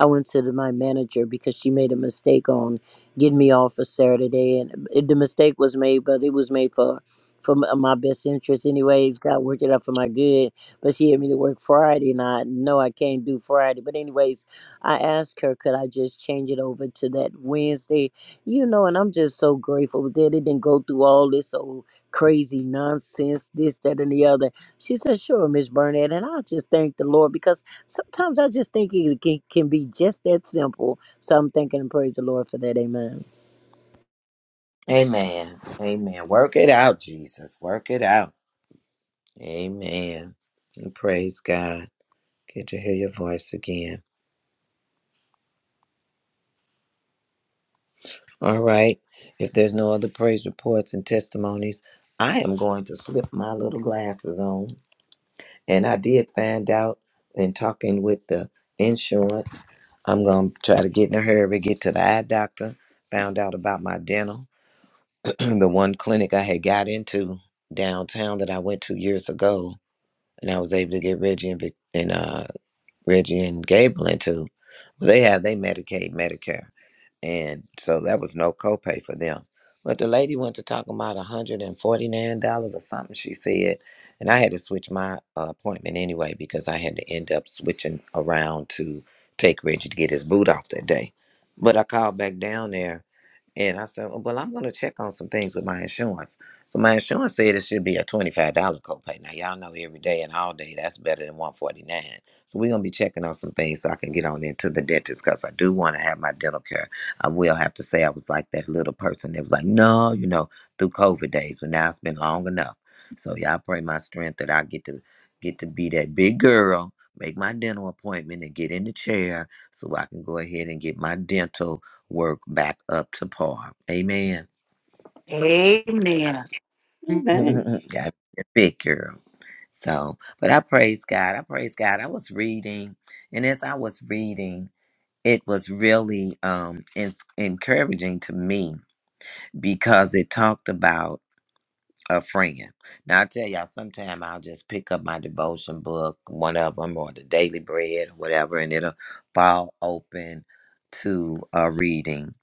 I went to the, my manager because she made a mistake on getting me off for Saturday, and um, it, the mistake was made, but it was made for for m- my best interest anyways. God worked it out for my good, but she had me to work Friday, and I know I can't do Friday. But anyways, I asked her could I just change it over to that Wednesday, you know, and I'm just so grateful that it didn't go through all this old crazy nonsense, this, that, and the other she said, Sure, Miss Burnett. And I just thank the Lord because sometimes I just think it can, can be just that simple. So I'm thanking and praise the Lord for that. Amen. Amen. Amen. Work it out, Jesus. Work it out. Amen. And Praise God. Good to hear your voice again. All right. If there's no other praise reports and testimonies, I am going to slip my little glasses on. And I did find out in talking with the insurance, I'm going to try to get in a hurry, get to the eye doctor. Found out about my dental. the one clinic I had got into downtown that I went to years ago, and I was able to get Reggie and, Vic- and uh, Reggie and Gable into. Well, they have they Medicaid, Medicare, and so that was no copay for them. But the lady went to talk about one hundred and forty nine dollars or something. She said, and I had to switch my uh, appointment anyway because I had to end up switching around to take Reggie to get his boot off that day. But I called back down there and I said, well, I'm going to check on some things with my insurance. So my insurance said it should be a $25 copay. Now, y'all know every day and all day, that's better than 149 So we're going to be checking on some things so I can get on into the dentist because I do want to have my dental care. I will have to say I was like that little person that was like, no, you know, through COVID days, but now it's been long enough. So y'all pray my strength that I get to get to be that big girl, make my dental appointment and get in the chair so I can go ahead and get my dental work back up to par. Amen. Amen. Amen. yeah, big girl. So, but I praise God. I praise God. I was reading, and as I was reading, it was really um, ens- encouraging to me because it talked about. a friend. Now I tell y'all, sometime I'll just pick up my devotion book, one of them, or the Daily Bread, or whatever, and it'll fall open to a reading.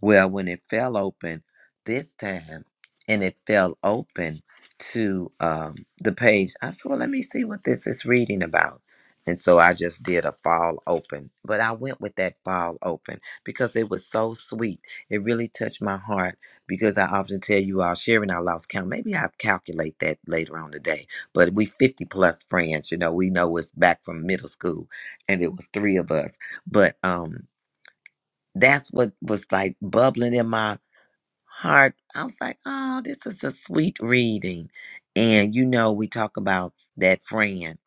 Well, when it fell open this time, and it fell open to um, the page, I said, "Well, let me see what this is reading about." And so I just did a fall open, but I went with that fall open because it was so sweet. It really touched my heart because I often tell you all sharing I lost count. Maybe I'll calculate that later on today. But we 50 plus friends, you know, we know it's back from middle school and it was three of us. But um that's what was like bubbling in my heart. I was like, oh, this is a sweet reading. And you know, we talk about that friend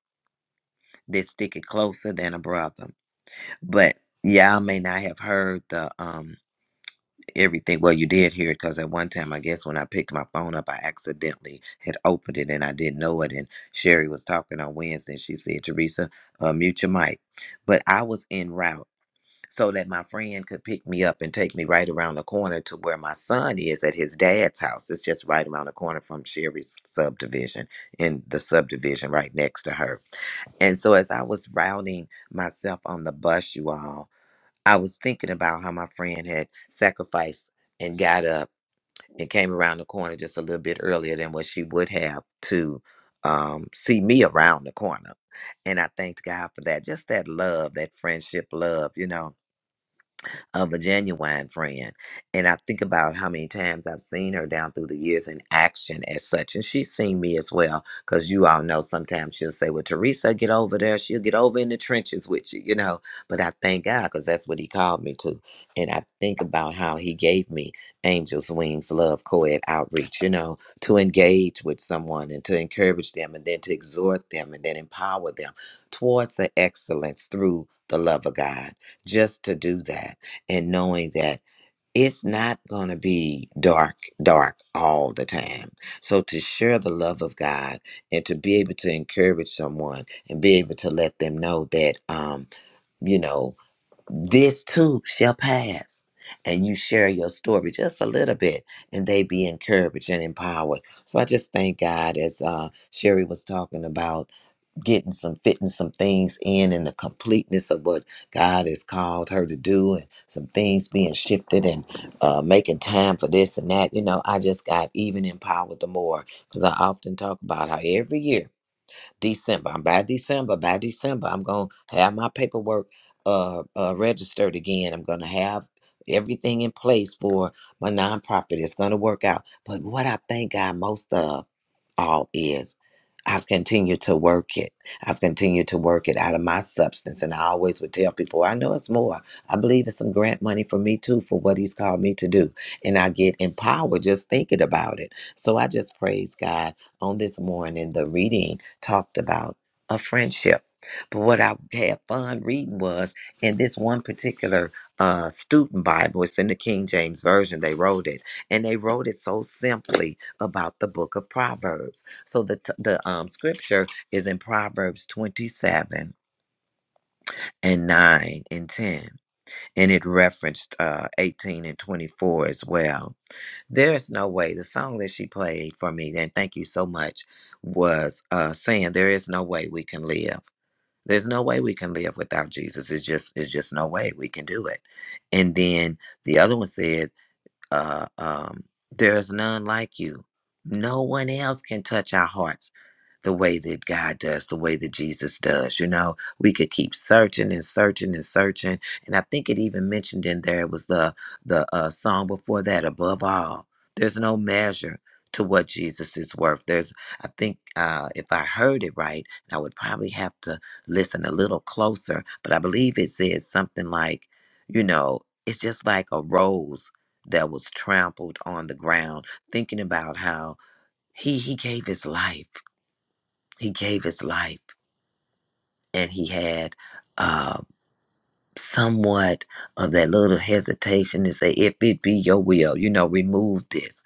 that stick it closer than a brother. But yeah, I may not have heard the um everything. Well, you did hear it because at one time, I guess when I picked my phone up, I accidentally had opened it and I didn't know it. And Sherry was talking on Wednesday. she said, Teresa, uh, mute your mic. But I was en route so that my friend could pick me up and take me right around the corner to where my son is at his dad's house. It's just right around the corner from Sherry's subdivision in the subdivision right next to her. And so as I was routing myself on the bus, you all, I was thinking about how my friend had sacrificed and got up and came around the corner just a little bit earlier than what she would have to um, see me around the corner. And I thanked God for that. Just that love, that friendship love, you know of a genuine friend. And I think about how many times I've seen her down through the years in action as such. And she's seen me as well, because you all know sometimes she'll say, Well, Teresa, get over there. She'll get over in the trenches with you, you know. But I thank God, because that's what He called me to. And I think about how He gave me Angels Wings Love Co ed outreach, you know, to engage with someone and to encourage them and then to exhort them and then empower them towards the excellence through the love of God just to do that and knowing that it's not going to be dark, dark all the time. So to share the love of God and to be able to encourage someone and be able to let them know that, um, you know, this too shall pass. And you share your story just a little bit, and they be encouraged and empowered. So I just thank God, as uh, Sherry was talking about getting some fitting some things in and the completeness of what God has called her to do and some things being shifted and uh, making time for this and that. You know, I just got even empowered the more because I often talk about how every year, December, I'm by December, by December, I'm going to have my paperwork uh, uh, registered again. I'm going to have everything in place for my nonprofit. It's going to work out. But what I thank God most of all is. I've continued to work it. I've continued to work it out of my substance. And I always would tell people, I know it's more. I believe it's some grant money for me too for what he's called me to do. And I get empowered just thinking about it. So I just praise God. On this morning, the reading talked about a friendship. But what I had fun reading was in this one particular uh, student Bible, it's in the King James Version, they wrote it. And they wrote it so simply about the book of Proverbs. So the t- the um scripture is in Proverbs 27 and 9 and 10 and it referenced uh 18 and 24 as well. There is no way the song that she played for me and thank you so much was uh saying there is no way we can live. There's no way we can live without Jesus. It's just it's just no way we can do it. And then the other one said uh, um, there is none like you. No one else can touch our hearts the way that God does, the way that Jesus does. You know, we could keep searching and searching and searching. And I think it even mentioned in there it was the the uh, song before that. Above all, there's no measure to what Jesus is worth. There's, I think, uh, if I heard it right, I would probably have to listen a little closer. But I believe it says something like, you know, it's just like a rose that was trampled on the ground, thinking about how he he gave his life. He gave his life, and he had uh, somewhat of that little hesitation to say, "If it be your will, you know, remove this."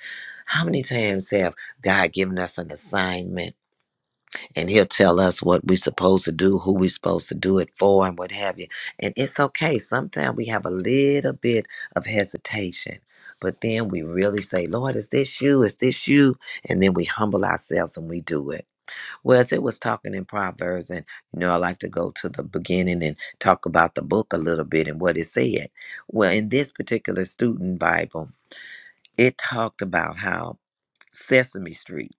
How many times have God given us an assignment? and he'll tell us what we're supposed to do, who we're supposed to do it for, and what have you. And it's okay. Sometimes we have a little bit of hesitation, but then we really say, Lord, is this you? Is this you? And then we humble ourselves and we do it. Whereas it was talking in Proverbs, and you know, I like to go to the beginning and talk about the book a little bit and what it said. Well, in this particular student Bible, it talked about how. Sesame Street.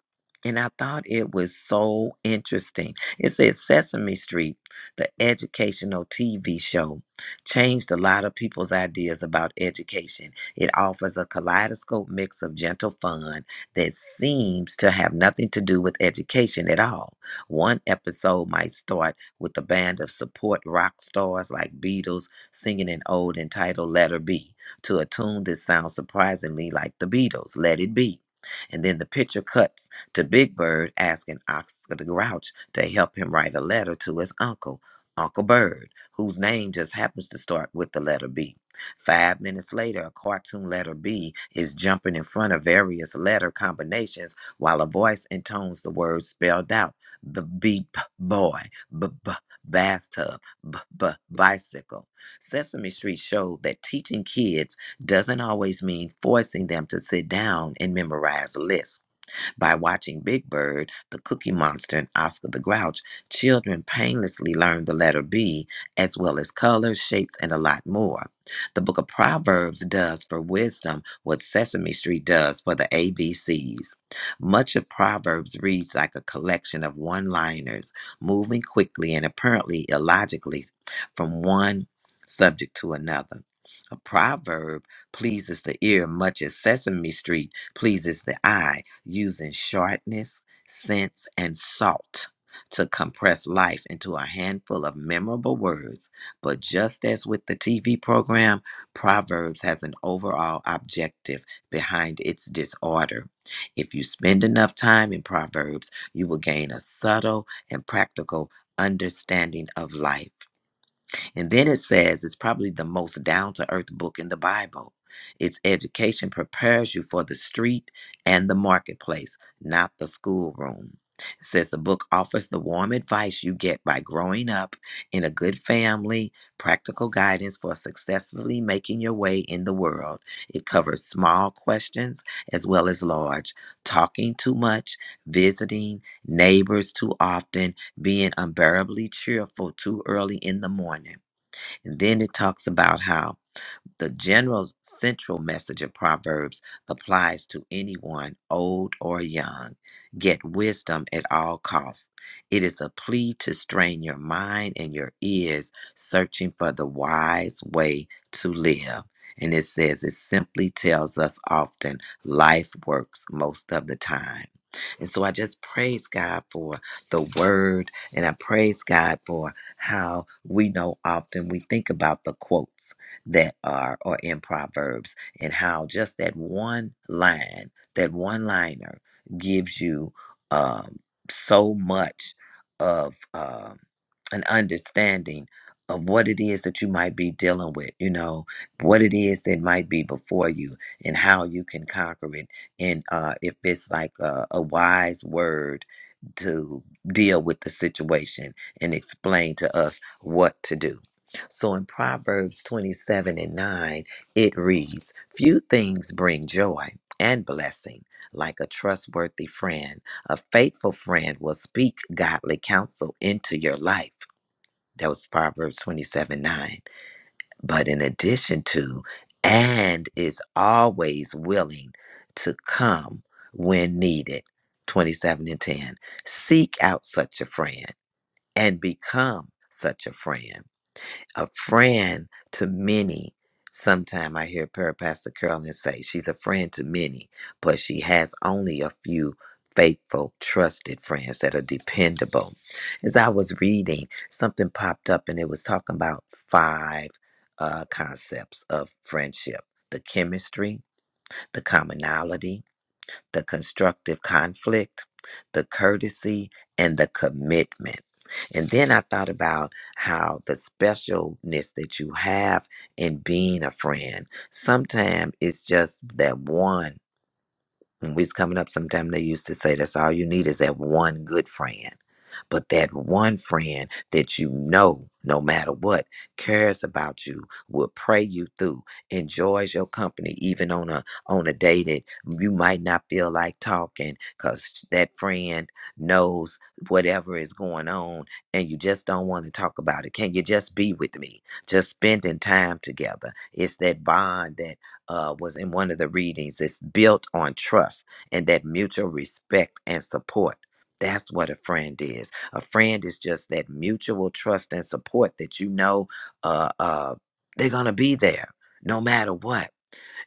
And I thought it was so interesting. It said Sesame Street, the educational TV show, changed a lot of people's ideas about education. It offers a kaleidoscope mix of gentle fun that seems to have nothing to do with education at all. One episode might start with a band of support rock stars like Beatles singing an ode entitled Letter B to a tune that sounds surprisingly like the Beatles, Let It Be. And then the picture cuts to Big Bird asking Oscar the Grouch to help him write a letter to his uncle, Uncle Bird, whose name just happens to start with the letter B. Five minutes later, a cartoon letter B is jumping in front of various letter combinations while a voice intones the words spelled out the beep boy, b b bathtub, b b bicycle. Sesame Street showed that teaching kids doesn't always mean forcing them to sit down and memorize lists. By watching Big Bird, the Cookie Monster, and Oscar the Grouch, children painlessly learn the letter B, as well as colors, shapes, and a lot more. The book of Proverbs does for wisdom what Sesame Street does for the ABCs. Much of Proverbs reads like a collection of one liners, moving quickly and apparently illogically from one subject to another. A proverb pleases the ear much as Sesame Street pleases the eye, using sharpness, sense, and salt to compress life into a handful of memorable words. But just as with the TV program, Proverbs has an overall objective behind its disorder. If you spend enough time in Proverbs, you will gain a subtle and practical understanding of life. And then it says it's probably the most down to earth book in the Bible. Its education prepares you for the street and the marketplace, not the schoolroom. It says the book offers the warm advice you get by growing up in a good family, practical guidance for successfully making your way in the world. It covers small questions as well as large, talking too much, visiting neighbors too often, being unbearably cheerful too early in the morning. And then it talks about how the general central message of Proverbs applies to anyone, old or young. Get wisdom at all costs. It is a plea to strain your mind and your ears, searching for the wise way to live. And it says, it simply tells us often life works most of the time. And so I just praise God for the word, and I praise God for how we know often we think about the quotes that are or in Proverbs and how just that one line, that one liner gives you um, so much of um, an understanding of what it is that you might be dealing with, you know, what it is that might be before you and how you can conquer it. And uh, if it's like a, a wise word to deal with the situation and explain to us what to do so in Proverbs 27 and 9, it reads Few things bring joy and blessing like a trustworthy friend. A faithful friend will speak godly counsel into your life. That was Proverbs 27 9. But in addition to, and is always willing to come when needed. 27 and 10. Seek out such a friend and become such a friend a friend to many. Sometime I hear Per- Pastor Carolyn say she's a friend to many, but she has only a few faithful, trusted friends that are dependable. As I was reading, something popped up and it was talking about five uh, concepts of friendship the chemistry, the commonality, the constructive conflict, the courtesy, and the commitment. And then I thought about how the specialness that you have in being a friend, sometimes it's just that one when we was coming up, sometime they used to say that's all you need is that one good friend. But that one friend that you know, no matter what, cares about you, will pray you through, enjoys your company, even on a on a day that you might not feel like talking, cause that friend knows whatever is going on, and you just don't want to talk about it. Can you just be with me? Just spending time together. It's that bond that uh, was in one of the readings. It's built on trust and that mutual respect and support. That's what a friend is. A friend is just that mutual trust and support that you know uh, uh, they're going to be there no matter what.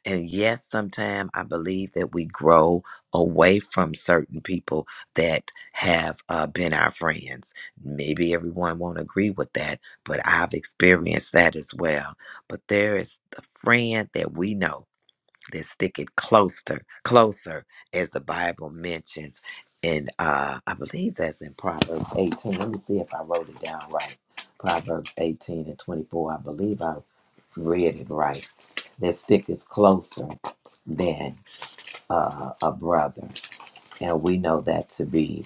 And yes, sometimes I believe that we grow away from certain people that have uh, been our friends. Maybe everyone won't agree with that, but I've experienced that as well. But there is a friend that we know that stick it closer, closer, as the Bible mentions. And uh, I believe that's in Proverbs 18. Let me see if I wrote it down right. Proverbs 18 and 24. I believe I read it right. That stick is closer than uh, a brother. And we know that to be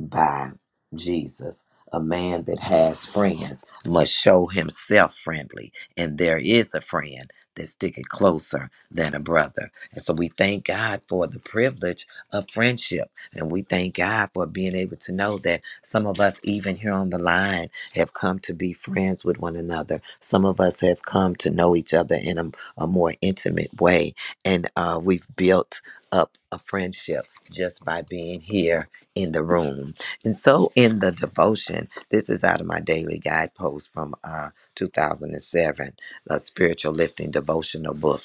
by Jesus. A man that has friends must show himself friendly, and there is a friend that sticketh closer than a brother. And so we thank God for the privilege of friendship, and we thank God for being able to know that some of us, even here on the line, have come to be friends with one another. Some of us have come to know each other in a, a more intimate way, and uh, we've built up a friendship just by being here in the room. And so in the devotion, this is out of my daily guidepost from uh 2007, a spiritual lifting devotional book.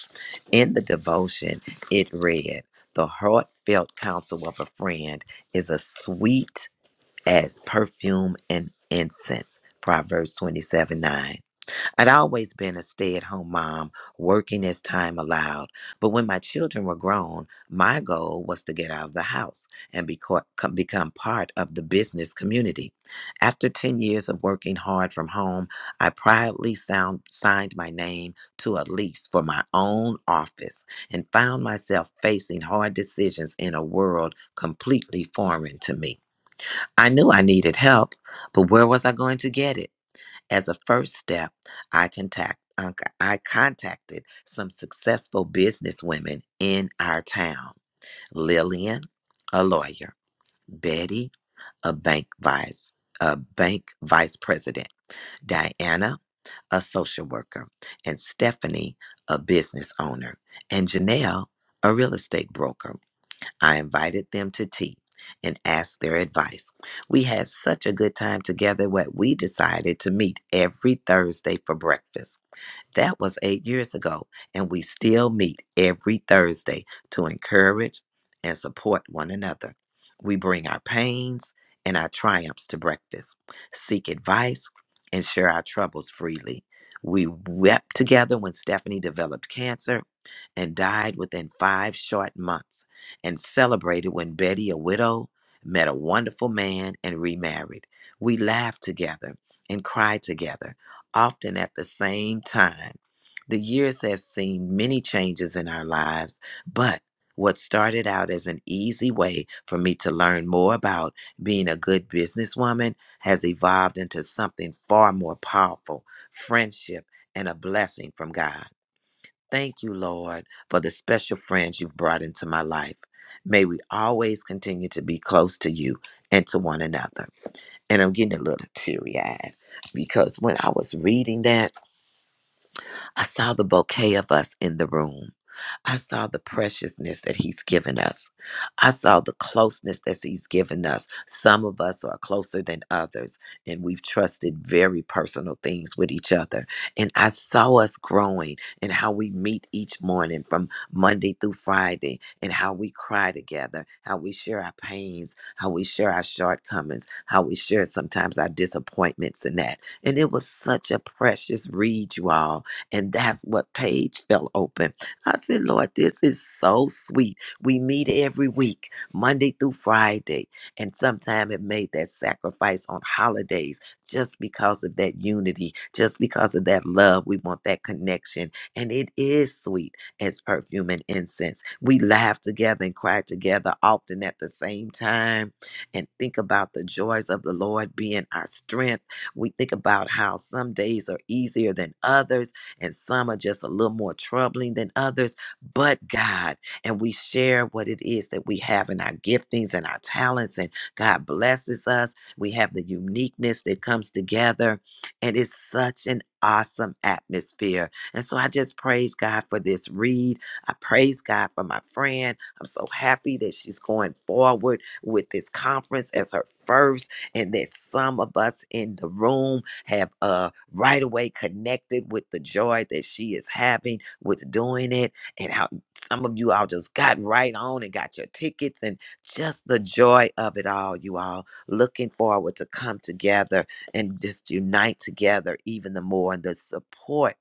In the devotion, it read, "The heartfelt counsel of a friend is as sweet as perfume and incense." Proverbs 27:9. I'd always been a stay at home mom, working as time allowed. But when my children were grown, my goal was to get out of the house and beco- com- become part of the business community. After 10 years of working hard from home, I proudly sound, signed my name to a lease for my own office and found myself facing hard decisions in a world completely foreign to me. I knew I needed help, but where was I going to get it? As a first step, I contact uh, I contacted some successful business women in our town. Lillian, a lawyer, Betty, a bank vice, a bank vice president, Diana, a social worker, and Stephanie, a business owner, and Janelle, a real estate broker. I invited them to tea and asked their advice. We had such a good time together that we decided to meet every Thursday for breakfast. That was eight years ago, and we still meet every Thursday to encourage and support one another. We bring our pains and our triumphs to breakfast, seek advice, and share our troubles freely. We wept together when Stephanie developed cancer and died within five short months, and celebrated when Betty, a widow, met a wonderful man and remarried. We laughed together and cried together often at the same time. The years have seen many changes in our lives, but what started out as an easy way for me to learn more about being a good businesswoman has evolved into something far more powerful friendship and a blessing from God. Thank you, Lord, for the special friends you've brought into my life. May we always continue to be close to you and to one another. And I'm getting a little teary eyed because when I was reading that, I saw the bouquet of us in the room. I saw the preciousness that He's given us. I saw the closeness that He's given us. Some of us are closer than others, and we've trusted very personal things with each other. And I saw us growing and how we meet each morning from Monday through Friday, and how we cry together, how we share our pains, how we share our shortcomings, how we share sometimes our disappointments and that. And it was such a precious read, you all. And that's what page fell open I said, Lord, this is so sweet. We meet every week, Monday through Friday. And sometimes it made that sacrifice on holidays just because of that unity, just because of that love. We want that connection. And it is sweet as perfume and incense. We laugh together and cry together often at the same time and think about the joys of the Lord being our strength. We think about how some days are easier than others and some are just a little more troubling than others, but God. And we share what it is that we have in our giftings and our talents, and God blesses us. We have the uniqueness that comes together, and it's such an awesome atmosphere. And so I just praise God for this read. I praise God for my friend. I'm so happy that she's going forward with this conference as her first, and that some of us in the room have uh right away connected with the joy that she is having with doing it and how some of you all just got right on and got your tickets and just the joy of it all you all looking forward to come together and just unite together even the more and the support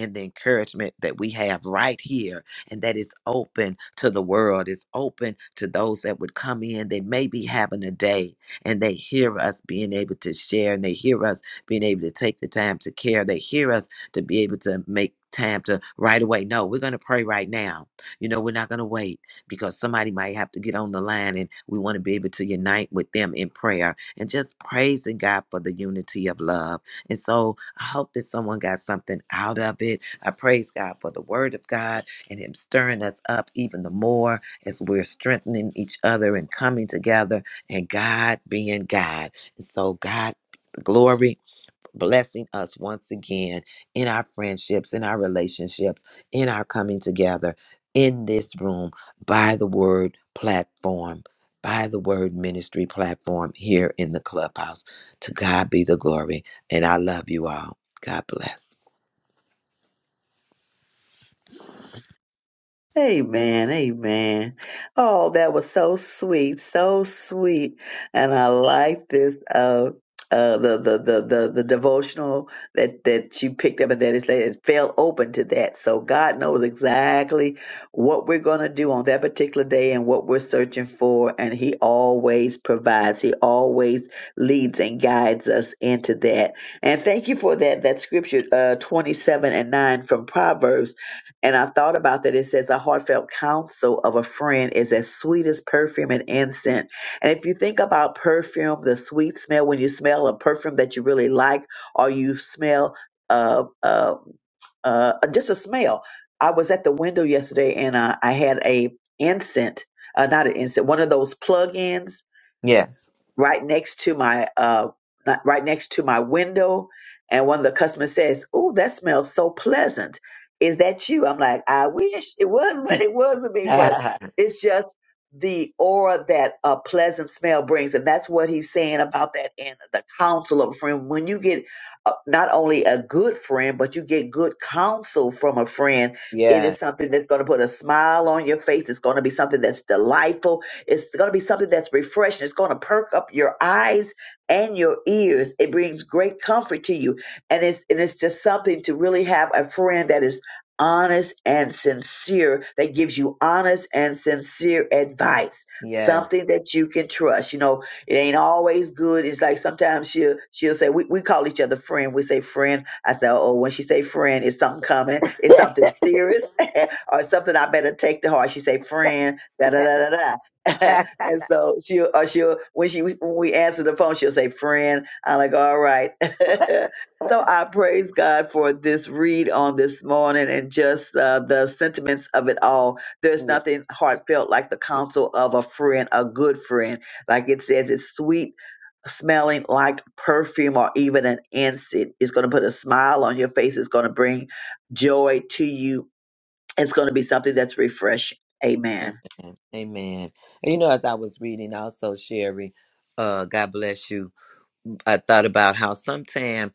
and the encouragement that we have right here and that is open to the world it's open to those that would come in they may be having a day and they hear us being able to share and they hear us being able to take the time to care. They hear us to be able to make time to right away. No, we're going to pray right now. You know, we're not going to wait because somebody might have to get on the line and we want to be able to unite with them in prayer and just praising God for the unity of love. And so I hope that someone got something out of it. I praise God for the word of God and Him stirring us up even the more as we're strengthening each other and coming together and God being God. And so, God, glory blessing us once again in our friendships, in our relationships, in our coming together in this room by the word platform, by the word ministry platform here in the clubhouse. To God be the glory. And I love you all. God bless. Amen, amen. Oh, that was so sweet, so sweet. And I like this uh uh the the the the, the devotional that that you picked up and that it said it fell open to that. So God knows exactly what we're going to do on that particular day and what we're searching for and he always provides. He always leads and guides us into that. And thank you for that that scripture uh 27 and 9 from Proverbs and I thought about that. It says, a heartfelt counsel of a friend is as sweet as perfume and incense. And if you think about perfume, the sweet smell, when you smell a perfume that you really like, or you smell uh, uh, uh, just a smell. I was at the window yesterday and uh, I had a incense, uh, not an incense, one of those plug-ins Yes. right next to my uh not- right next to my window and one of the customers says oh that smells so pleasant is that you i'm like i wish it was but it wasn't me but yeah. it's just the aura that a pleasant smell brings and that's what he's saying about that in the counsel of a friend when you get uh, not only a good friend but you get good counsel from a friend it is something that's going to put a smile on your face it's going to be something that's delightful it's going to be something that's refreshing. It's going to perk up your eyes and your ears. It brings great comfort to you. And it's, and it's just something to really have a friend that is honest and sincere, that gives you honest and sincere advice, Yeah. something that you can trust. You know, it ain't always good. It's like sometimes she'll, she'll say, we, we call each other friend. We say friend. I say, oh, when she say friend, is something coming? Is something serious? or something I better take to heart? She say friend, da da da da da. and so she'll or she'll when she when we answer the phone, she'll say, "Friend." I'm like, "All right." so I praise God for this read on this morning and just uh, the sentiments of it all. There's Yeah. nothing heartfelt like the counsel of a friend, a good friend. Like it says, it's sweet smelling like perfume or even an incense. It's going to put a smile on your face. It's going to bring joy to you. It's going to be something that's refreshing. Amen. Amen. Amen. And you know, as I was reading, also Sherry, uh, God bless you. I thought about how sometimes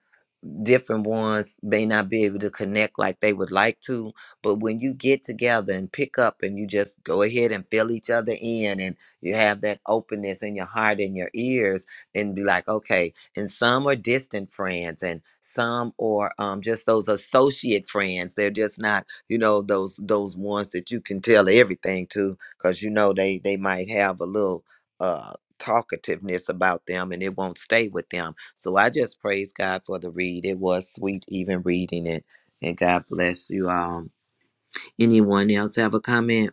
different ones may not be able to connect like they would like to, but when you get together and pick up and you just go ahead and fill each other in and you have that openness in your heart and your ears and be like, okay, and some are distant friends and some are um, just those associate friends. They're just not, you know, those those ones that you can tell everything to because you know they they might have a little uh, talkativeness about them and it won't stay with them. So I just praise God for the read. It was sweet even reading it. And God bless you all. Anyone else have a comment?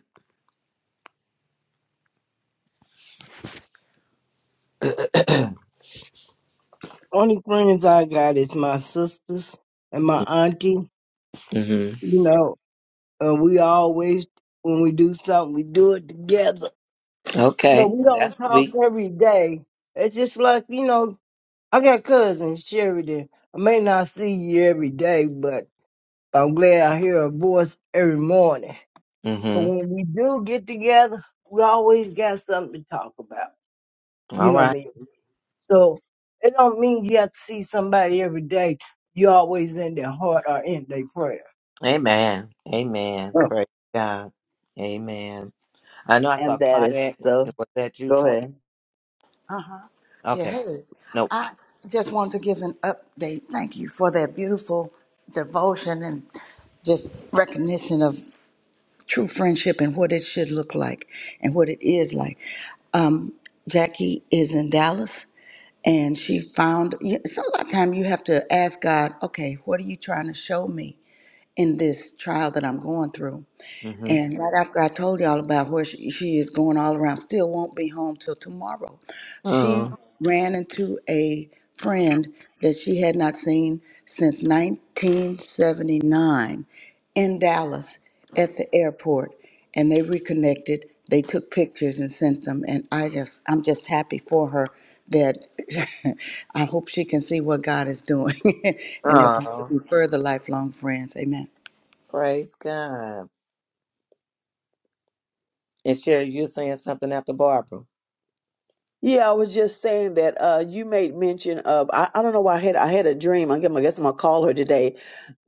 Only friends I got is my sisters and my auntie. hmm You know, and we always when we do something, we do it together. But Okay. we Well, don't that's talk sweet. every day. It's just like you know, I got cousins, Sheridan. I may not see you every day, but I'm glad I hear a voice every morning. But hmm when we do get together, we always got something to talk about. You All know right. me. So it don't mean you have to see somebody every day. You always in their heart or in their prayer. Amen. Amen. Oh. Praise God. Amen. I know I saw And that is Claudette. so Was that you, Go twin? ahead. Yeah, Okay. hey, Nope. I just wanted to give an update. Thank you for that beautiful devotion and just recognition of true friendship and what it should look like and what it is like. Um, Jackie is in Dallas and she found you- it's a lot of time you have to ask God, okay, what are you trying to show me? in this trial that I'm going through. hmm And right after I told y'all about where she, she is going all around, still won't be home till tomorrow. She Oh. ran into a friend that she had not seen since 1979 in Dallas at the airport. And they reconnected. They took pictures and sent them. And I just, I'm just happy for her that I hope she can see what God is doing. and they'll probably Oh. be further lifelong friends. Amen. Praise God. And Sherry, you saying something after Barbara? Yeah, I was just saying that uh, you made mention of I, I don't know why I had I had a dream. I guess I'm gonna call her today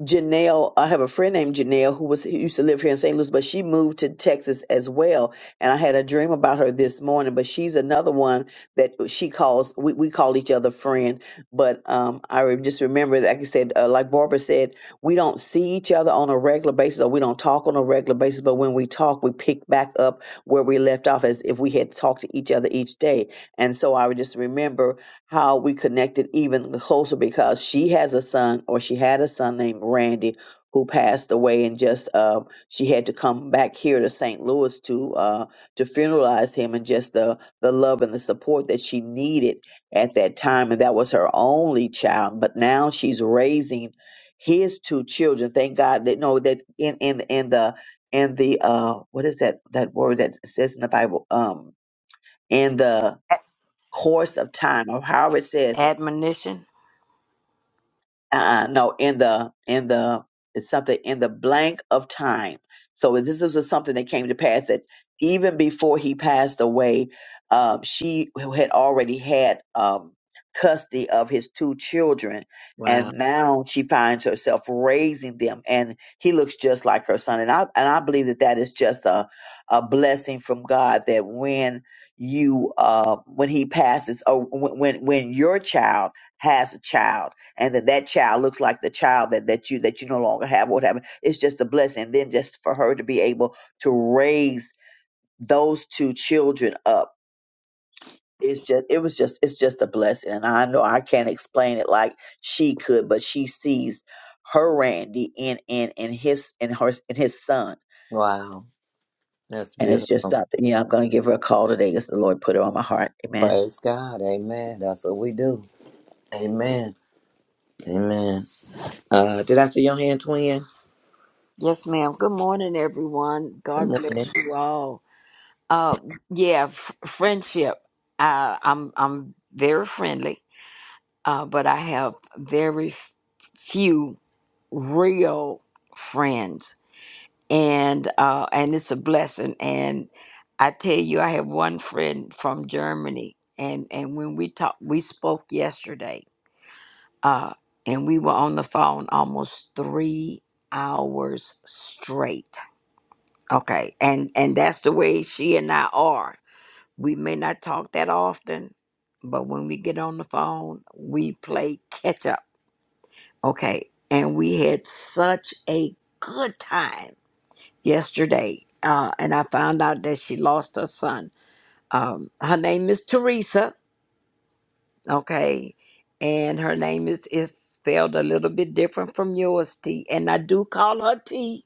Janelle, I have a friend named Janelle who was who used to live here in St. Louis, but she moved to Texas as well. And I had a dream about her this morning, but she's another one that she calls we, we call each other friend. But um I re- just remember like I said, uh, like Barbara said, we don't see each other on a regular basis or we don't talk on a regular basis, but when we talk, we pick back up where we left off as if we had talked to each other each day. And so I would just remember how we connected even closer because she has a son or she had a son named Randy who passed away and just uh, she had to come back here to St. Louis to uh, to funeralize him and just the the love and the support that she needed at that time and that was her only child but now she's raising his two children thank God that no that in in in the in the uh what is that that word that says in the Bible um in the A- course of time or however it says it Admonition. uh, no, in the in the it's something in the blank of time. So this is just something that came to pass that even before he passed away, um, she had already had um, custody of his two children, Wow. and now she finds herself raising them, and he looks just like her son. And I and I believe that that is just a a blessing from God that when you uh, when he passes, or when when when your child has a child and that that child looks like the child that, that you that you no longer have or whatever it's just a blessing and then just for her to be able to raise those two children up it's just it was just it's just a blessing and i know i can't explain it like she could but she sees her randy in in in his in her in his son Wow. That's and it's just beautiful. something yeah i'm gonna give her a call today because the lord put it on my heart amen Praise God. Amen. That's what we do. Amen. Amen. Uh, did I see your hand, twin? Yes, ma'am. Good morning, everyone. God Good bless morning. you all. Uh, yeah, f- friendship. Uh, I'm I'm very friendly, uh, but I have very f- few real friends, and uh, and it's a blessing. And I tell you, I have one friend from Germany, and and when we talked, we spoke yesterday, uh, and we were on the phone almost three hours straight. Okay, and and that's the way she and I are. We may not talk that often, but when we get on the phone, we play catch up. Okay, and we had such a good time yesterday. Uh, and I found out that she lost her son. Um, her name is Teresa okay and her name is is spelled a little bit different from yours t and i do call her t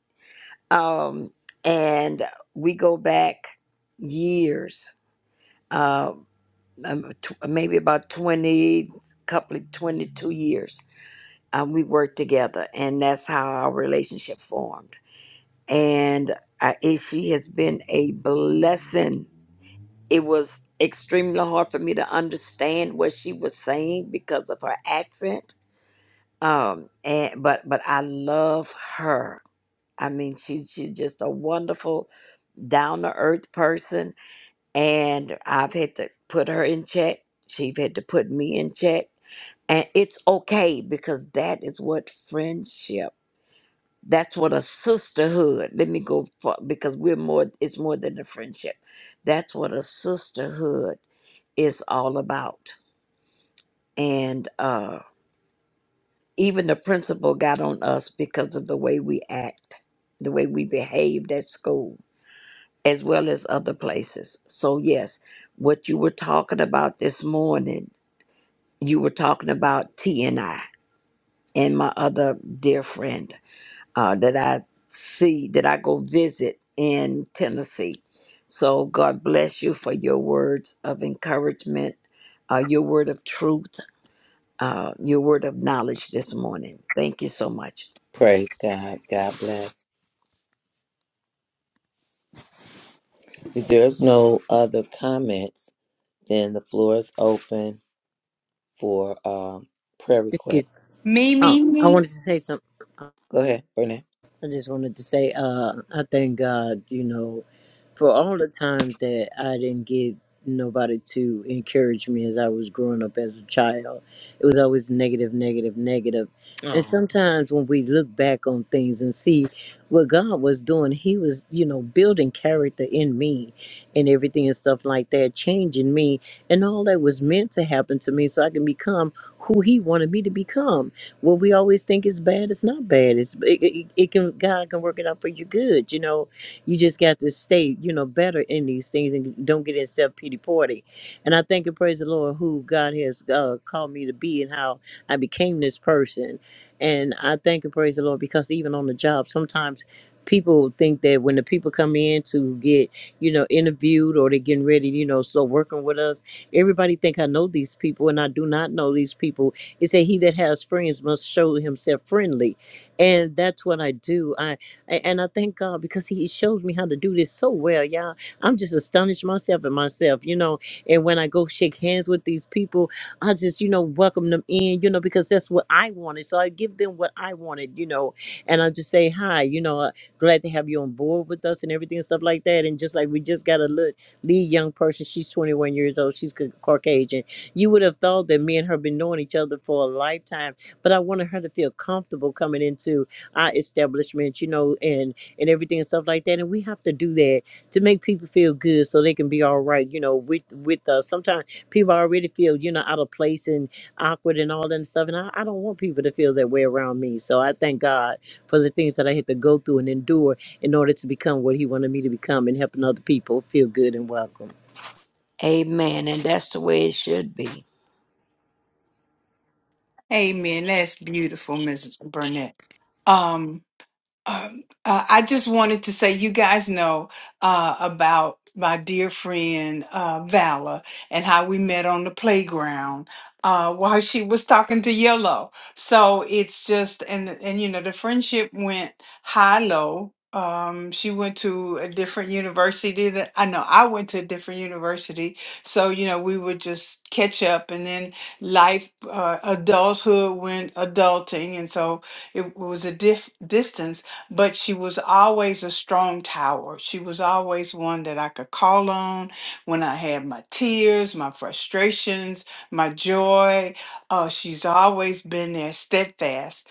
um and we go back years uh um, tw- maybe about 20 couple of 22 years um, we worked together and that's how our relationship formed and I, it, she has been a blessing it was extremely hard for me to understand what she was saying because of her accent um and but but i love her i mean she's she's just a wonderful down to earth person and i've had to put her in check she's had to put me in check and it's okay because that is what friendship that's what a sisterhood let me go for because we're more it's more than a friendship that's what a sisterhood is all about and uh, even the principal got on us because of the way we act, the way we behaved at school, as well as other places. So, yes, what you were talking about this morning, you were talking about T and I and my other dear friend uh, that I see, that I go visit in Tennessee. So, God bless you for your words of encouragement, uh, your word of truth, uh, your word of knowledge this morning. Thank you so much. Praise God. God bless. If there's no other comments, then the floor is open for um, prayer Thank request. you. Me, Oh, me, I me. wanted to say something. Go ahead, Burnett. I just wanted to say, uh, I thank God, you know, for all the times that I didn't get nobody to encourage me as I was growing up as a child. It was always negative, negative, negative. And Oh, sometimes when we look back on things and see what God was doing, He was, you know, building character in me and everything and stuff like that, changing me and all that was meant to happen to me so I can become who He wanted me to become what we always think is bad it's not bad it's it, it, it can god can work it out for your good you know you just got to stay you know better in these things and don't get in self-pity party and i thank and praise the lord who god has uh, called me to be and how i became this person and i thank and praise the lord because even on the job sometimes people think that when the people come in to get you know interviewed or they're getting ready you know so working with us everybody think i know these people and i do not know these people he said, "He that has friends must show himself friendly," and that's what I do. I a- and I thank God because He shows me how to do this so well, y'all. I'm just astonished myself and myself, you know. And when I go shake hands with these people, I just you know welcome them in, you know, because that's what I wanted. So I give them what I wanted, you know, and I just say hi, you know. Uh, glad to have you on board with us and everything and stuff like that. And just like we just got a little lead young person, she's 21 years old, she's Ca- Caucasian you would have thought that me and her been knowing each other for a lifetime, but I wanted her to feel comfortable coming into our establishment, you know, and and everything and stuff like that. And we have to do that to make people feel good, so they can be all right, you know, with with us. Sometimes people already feel, you know, out of place and awkward and all that and stuff, and I, I don't want people to feel that way around me. So I thank God for the things that I had to go through and endure in order to become what He wanted me to become, and helping other people feel good and welcome. Amen. And that's the way it should be. Amen. That's beautiful, Mrs. Burnett. Um, Um, uh, I just wanted to say, you guys know uh, about my dear friend uh, Vala and how we met on the playground uh, while she was talking to Yellow. So it's just, and and you know, the friendship went high low. Um, she went to a different university that I know I went to a different university. So, you know, we would just catch up and then life, uh, adulthood went adulting. And so it was a diff distance but she was always a strong tower. She was always one that I could call on when I had my tears, my frustrations, my joy. Uh, she's always been there steadfast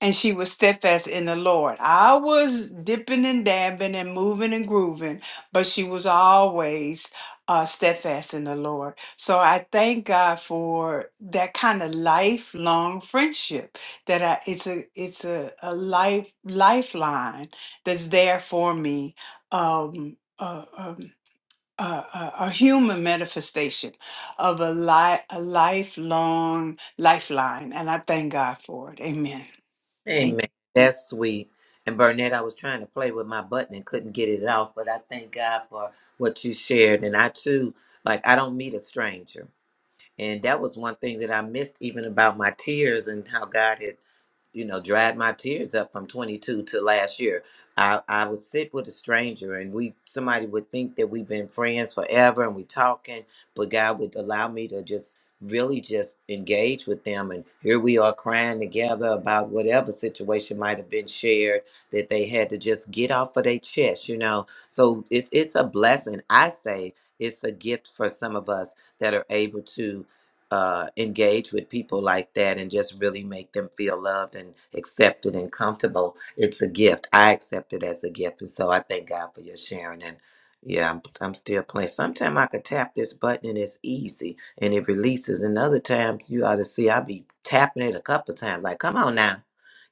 and she was steadfast in the Lord. I was dipping and dabbing and moving and grooving, but she was always uh, steadfast in the Lord. So I thank God for that kind of lifelong friendship. That I, it's a it's a, a life lifeline that's there for me. Um, uh, um, uh, uh, a human manifestation of a, li- a lifelong lifeline, and I thank God for it. Amen. Amen. amen. That's sweet. And Burnett, I was trying to play with my button and couldn't get it off, but I thank God for what you shared. And I too, like, I don't meet a stranger. And that was one thing that I missed even about my tears and how God had, you know, dried my tears up from 22 to last year. I, I would sit with a stranger and we somebody would think that we've been friends forever and we talking, but God would allow me to just really just engage with them and here we are crying together about whatever situation might have been shared that they had to just get off of their chest, you know. So it's it's a blessing. I say it's a gift for some of us that are able to uh, engage with people like that and just really make them feel loved and accepted and comfortable. It's a gift. I accept it as a gift. And so I thank God for your sharing. And yeah, I'm, I'm still playing. Sometimes I could tap this button and it's easy and it releases. And other times you ought to see I be tapping it a couple of times, like, come on now,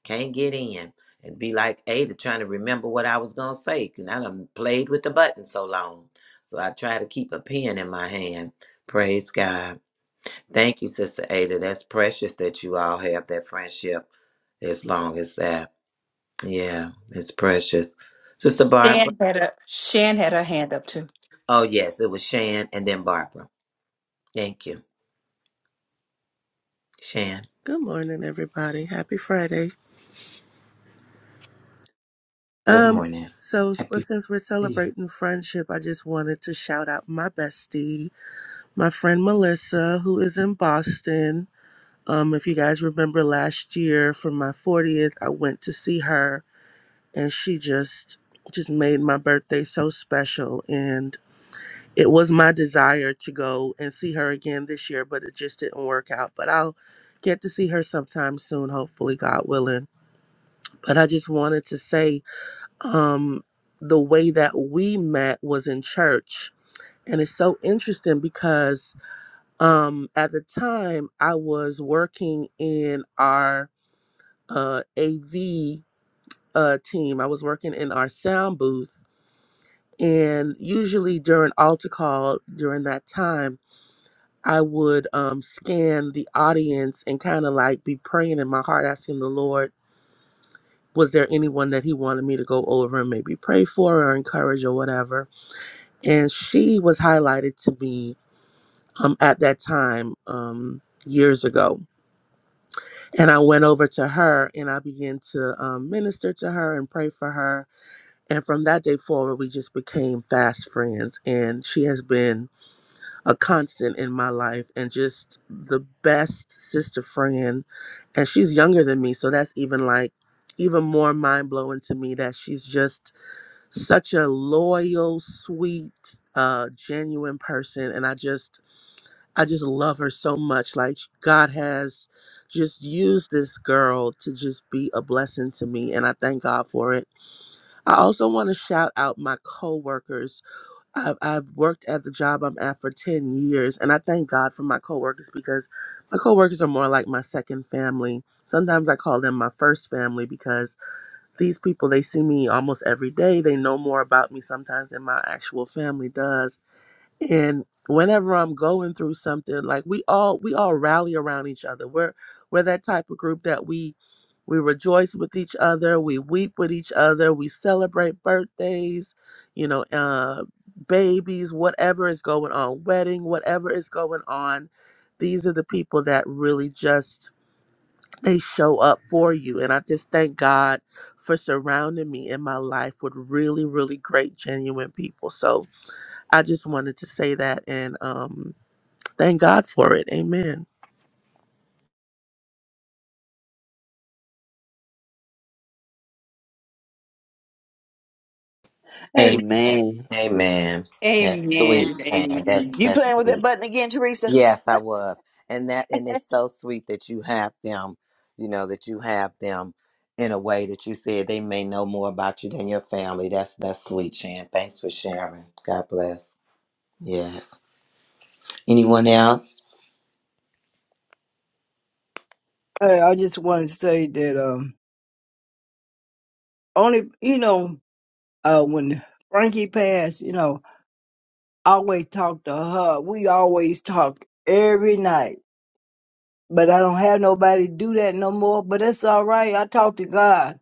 can't get in. And be like Ada trying to remember what I was going to say. And I done played with the button so long. So I try to keep a pen in my hand. Praise God. Thank you, Sister Ada. That's precious that you all have that friendship as long as that. Yeah, it's precious. Sister Barbara. Shan had a Shan had her hand up too. Oh, yes, it was Shan and then Barbara. Thank you. Shan. Good morning, everybody. Happy Friday. Good Um, morning. so well, Happy to since we're see celebrating friendship, I just wanted to shout out my bestie, my friend Melissa, who is in Boston. Um, if you guys remember last year for my 40th, I went to see her and she just just made my birthday so special and it was my desire to go and see her again this year, but it just didn't work out. But I'll get to see her sometime soon, hopefully, God willing. But I just wanted to say um, the way that we met was in church. And it's so interesting because um, at the time I was working in our uh, AV uh, team, I was working in our sound booth. And usually during altar call, during that time, I would um, scan the audience and kind of like be praying in my heart, asking the Lord, was there anyone that He wanted me to go over and maybe pray for or encourage or whatever? and she was highlighted to me um, at that time um, years ago. And I went over to her and I began to um, minister to her and pray for her. And from that day forward, we just became fast friends. And she has been a constant in my life and just the best sister friend. And she's younger than me. So that's even like, even more mind blowing to me that she's just such a loyal, sweet, uh, genuine person. And I just, I just love her so much. Like God has just used this girl to just be a blessing to me, and I thank God for it. I also want to shout out my coworkers. I've, I've worked at the job I'm at for ten years, and I thank God for my coworkers because my coworkers are more like my second family. Sometimes I call them my first family because these people they see me almost every day. They know more about me sometimes than my actual family does and whenever i'm going through something like we all we all rally around each other we're we're that type of group that we we rejoice with each other we weep with each other we celebrate birthdays you know uh babies whatever is going on wedding whatever is going on these are the people that really just they show up for you and i just thank god for surrounding me in my life with really really great genuine people so I just wanted to say that and um, thank God for it. Amen. you. Amen. amen Amen. That's sweet, Amen. Shan. That's Amen. you that's playing with sweet. that button again teresa Yes, I was. And that and it's so sweet that you have them, you know, that you have them in a way that you said they may know more about you than your family. That's that's sweet, Shan. Thanks for sharing. God bless. Yes. Anyone else? Hey, I just want to say that um only you know, uh when Frankie passed, you know, I always talk to her. We always talk every night. But I don't have nobody do that no more. But that's all right. I talk to God.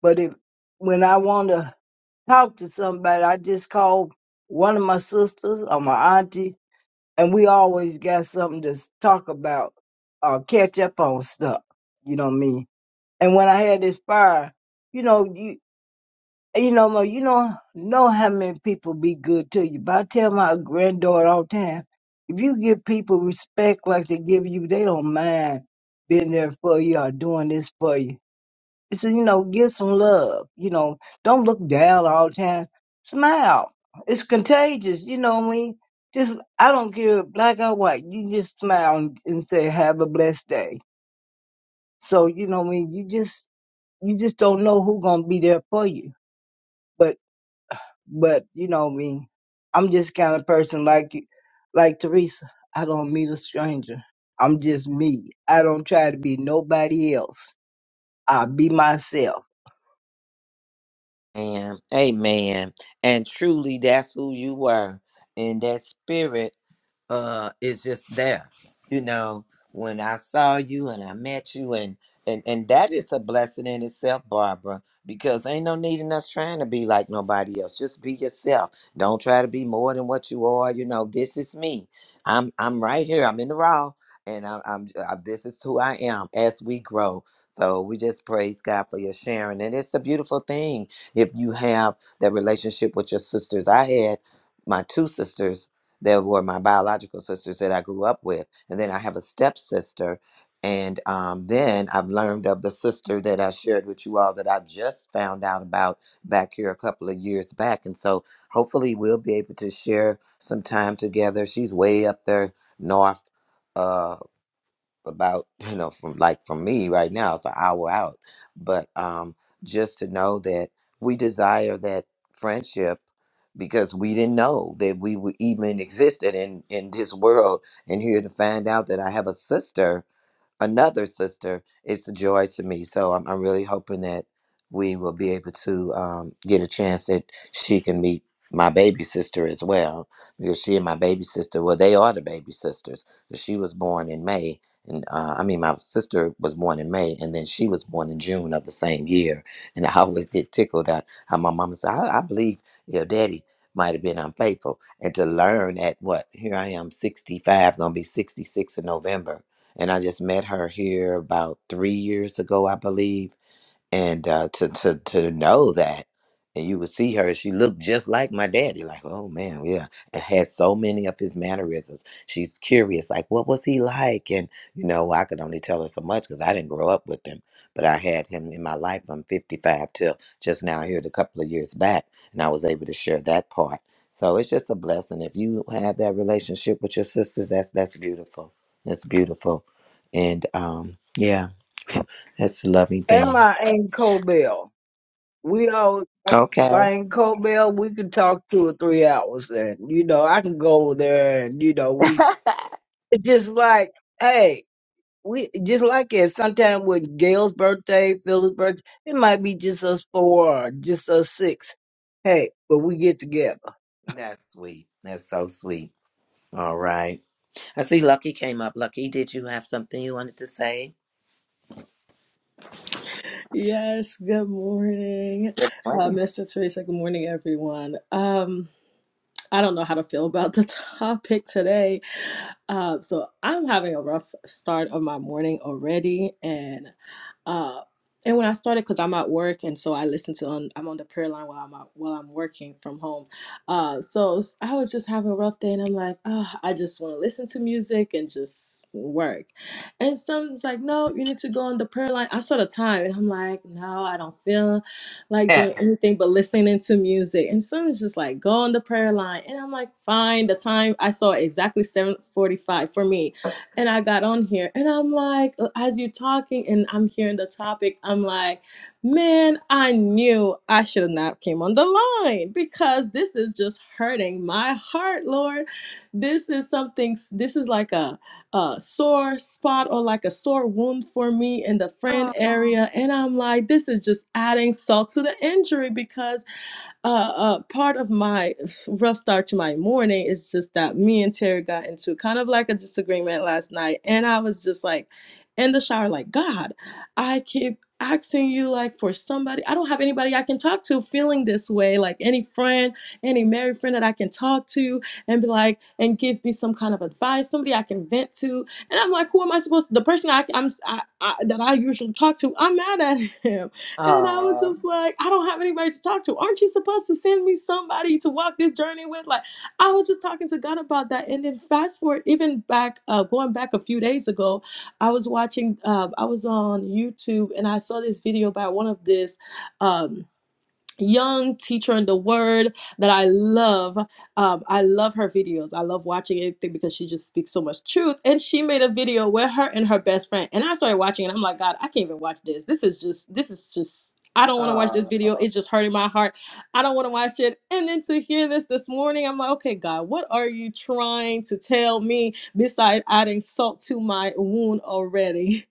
But if when I wanna talk to somebody. I just called one of my sisters or my auntie, and we always got something to s- talk about or catch up on stuff. You know what I mean? And when I had this fire, you know, you you know, Mo, you know, know how many people be good to you. But I tell my granddaughter all the time, if you give people respect like they give you, they don't mind being there for you or doing this for you it's you know, give some love. You know, don't look down all the time. Smile. It's contagious. You know what I mean? Just, I don't care, black or white. You just smile and and say, have a blessed day. So, you know what I mean? You just, you just don't know who's going to be there for you. But, but, you know what I mean? I'm just kind of person like you, like Teresa. I don't meet a stranger. I'm just me. I don't try to be nobody else. I be myself. And amen. And truly that's who you were in that spirit uh is just there you know when i saw you and i met you and and and that is a blessing in itself barbara because ain't no need in us trying to be like nobody else just be yourself don't try to be more than what you are you know this is me i'm i'm right here i'm in the raw and i'm, I'm uh, this is who i am as we grow so we just praise god for your sharing and it's a beautiful thing if you have that relationship with your sisters i had my two sisters there were my biological sisters that I grew up with. And then I have a stepsister. And um, then I've learned of the sister that I shared with you all that I just found out about back here a couple of years back. And so hopefully we'll be able to share some time together. She's way up there north. uh, about you know from like from me right now it's an hour out but um just to know that we desire that friendship because we didn't know that we would even existed in in this world and here to find out that i have a sister another sister, it's a joy to me. So I'm, I'm really hoping that we will be able to um, get a chance that she can meet my baby sister as well, because she and my baby sister, well, they are the baby sisters. 'cause She was born in May, and uh, I mean, my sister was born in May, and then she was born in June of the same year. And I always get tickled at how my mama said, I, I believe your daddy might have been unfaithful. And to learn at what, here I am, 65, gonna be 66 in November and I just met her here about three years ago, I believe and uh, to to to know that, and you would see her. She looked just like my daddy. Like, oh man, yeah, and had so many of his mannerisms. She's curious, like, what was he like? And you know, I could only tell her so much because I didn't grow up with him, but I had him in my life from '55 till just now here, a couple of years back, and I was able to share that part. So it's just a blessing if you have that relationship with your sisters. That's that's beautiful. That's beautiful, and um, yeah, that's a loving Am thing. I ain't Cobell? we all Okay. I ain't Cobell, we could talk two or three hours then. You know, I can go over there and you know, we it's just like, hey, we just like it sometime with Gail's birthday, Phil's birthday, it might be just us four or just us six. Hey, but we get together. That's sweet. That's so sweet. All right. I see Lucky came up. Lucky, did you have something you wanted to say? Yes, good morning, What? uh, Mr. Teresa. Good morning, everyone. Um, I don't know how to feel about the topic today. Uh, so I'm having a rough start of my morning already, and uh, and when I started, because I'm at work, and so I listen to on I'm on the prayer line while I'm out, while I'm working from home. Uh, so I was just having a rough day, and I'm like, oh, I just want to listen to music and just work. And someone's like, no, you need to go on the prayer line. I saw the time, and I'm like, no, I don't feel like doing anything but listening to music. And someone's just like, go on the prayer line. And I'm like, fine. The time I saw exactly 745 for me. And I got on here and I'm like, uh, as you're talking and I'm hearing the topic, I'm like, man, I knew I should have not came on the line because this is just hurting my heart, Lord. This is something, this is like a uh, sore spot or like a sore wound for me in the friend Aw. area. And I'm like, this is just adding salt to the injury because uh, uh, part of my rough start to my morning is just that me and Terry got into kind of like a disagreement last night, and I was just like in the shower, like God, I keep asking you like for somebody. I don't have anybody I can talk to, feeling this way, like any friend, any married friend that I can talk to and be like and give me some kind of advice, somebody I can vent to, and I'm like, who am I supposed? to? The person I, I'm I, I, that I usually talk to, I'm mad at him and I was Oh, just like, I don't have anybody to talk to. Aren't you supposed to send me somebody to walk this journey with? Like, I was just talking to God about that. And then fast forward, even back, uh, going back a few days ago, I was watching, uh, I was on YouTube and I saw this video by one of this. Um, young teacher in the word that I love. Um, I love her videos. I love watching anything because she just speaks so much truth. And she made a video with her and her best friend. And I started watching and I'm like, God, I can't even watch this. This is just, this is just, I don't want to watch this oh. video. It's just hurting my heart. I don't want to watch it. And then to hear this this morning, I'm like, okay, God, what are you trying to tell me beside adding salt to my wound already?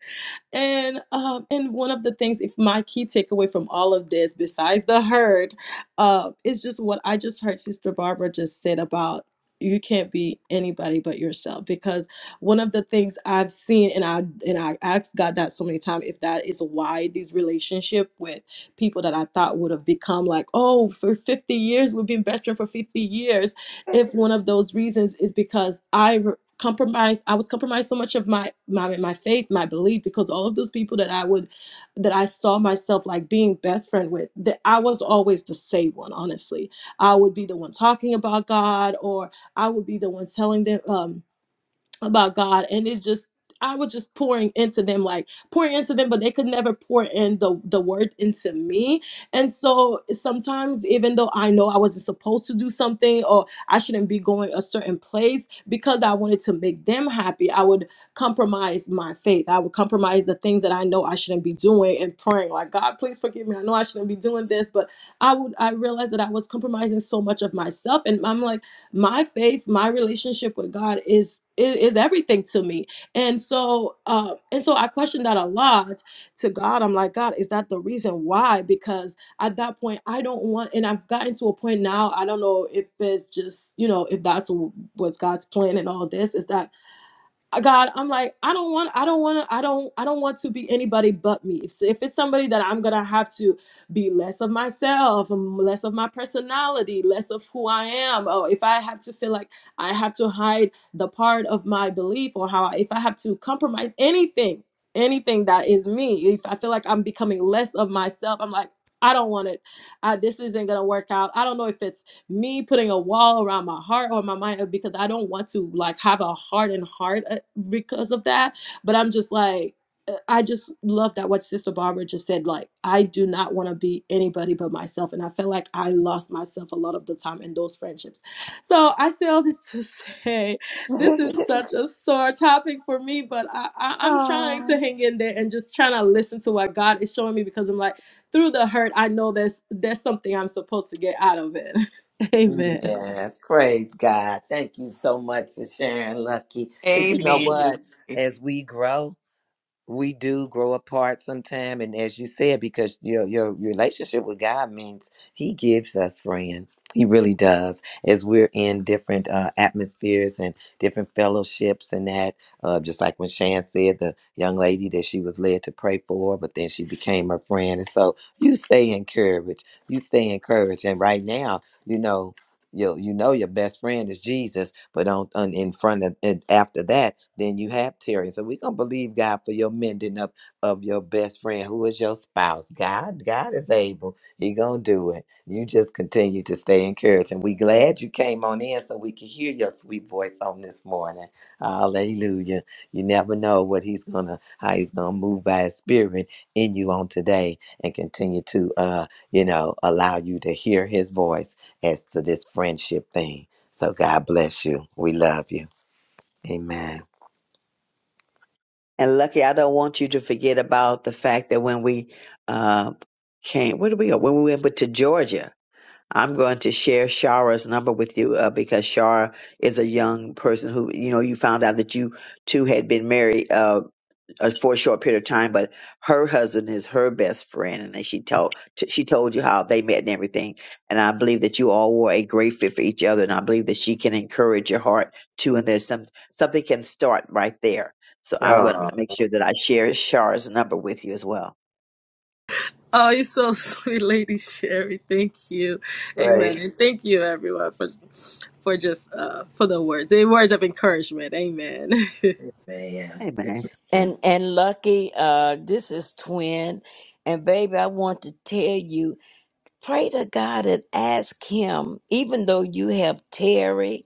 And um, and one of the things, if my key takeaway from all of this, besides the hurt, uh, is just what I just heard Sister Barbara just said about you can't be anybody but yourself. Because one of the things I've seen, and I and I asked God that so many times, if that is why these relationship with people that I thought would have become like, oh, for 50 years we've been best friends for 50 years. If one of those reasons is because I compromised i was compromised so much of my my my faith my belief because all of those people that i would that i saw myself like being best friend with that i was always the saved one honestly i would be the one talking about god or i would be the one telling them um about God and it's just I was just pouring into them like pouring into them but they could never pour in the the word into me. And so sometimes even though I know I wasn't supposed to do something or I shouldn't be going a certain place because I wanted to make them happy, I would compromise my faith. I would compromise the things that I know I shouldn't be doing and praying like God, please forgive me. I know I shouldn't be doing this, but I would I realized that I was compromising so much of myself and I'm like my faith my relationship with god is is, is everything to me and so uh, and so i questioned that a lot to god i'm like god is that the reason why because at that point i don't want and i've gotten to a point now i don't know if it's just you know if that's w- was god's plan and all this is that God, I'm like, I don't want, I don't want to, I don't, I don't want to be anybody but me. If, if it's somebody that I'm gonna have to be less of myself, um, less of my personality, less of who I am, or if I have to feel like I have to hide the part of my belief or how, I, if I have to compromise anything, anything that is me, if I feel like I'm becoming less of myself, I'm like, I don't want it. I, this isn't gonna work out. I don't know if it's me putting a wall around my heart or my mind uh, because I don't want to like have a hardened heart uh, because of that. But I'm just like, uh, I just love that what Sister Barbara just said. Like, I do not want to be anybody but myself. And I felt like I lost myself a lot of the time in those friendships. So I say all this to say this is such a sore topic for me, but I, I, Aw. I'm trying to hang in there and just trying to listen to what God is showing me because I'm like, through the hurt, I know there's there's something I'm supposed to get out of it. Amen. yes, praise God. Thank you so much for sharing, Lucky. And You know Amen. what? As we grow, we do grow apart sometime and as you said because your your relationship with god means he gives us friends he really does as we're in different uh, atmospheres and different fellowships and that uh, just like when shan said the young lady that she was led to pray for but then she became her friend and so you stay encouraged you stay encouraged and right now you know you you know your best friend is Jesus, but on, on in front of and after that, then you have Terry. So we're gonna believe God for your mending up of your best friend who is your spouse. God, God is able. He gonna do it. You just continue to stay encouraged. And we glad you came on in so we can hear your sweet voice on this morning. Hallelujah. You never know what he's gonna how he's gonna move by his spirit in you on today and continue to uh, you know, allow you to hear his voice as to this friendship thing. So God bless you. We love you. Amen. And Lucky, I don't want you to forget about the fact that when we uh, came, where did we go? When we went to Georgia, I'm going to share Shara's number with you uh, because Shara is a young person who, you know, you found out that you two had been married. Uh, uh, for a short period of time, but her husband is her best friend, and then she told t- she told you how they met and everything. And I believe that you all were a great fit for each other, and I believe that she can encourage your heart too. And there's some something can start right there. So I'm going to Oh, make sure that I share Shar's number with you as well. Oh, you're so sweet, Lady Sherry. Thank you. Amen. great, And thank you, everyone, for for just uh for the words. The words of encouragement. Amen. man. Amen. Amen. And and lucky, uh, this is twin. And baby, I want to tell you, pray to God and ask him, even though you have Terry,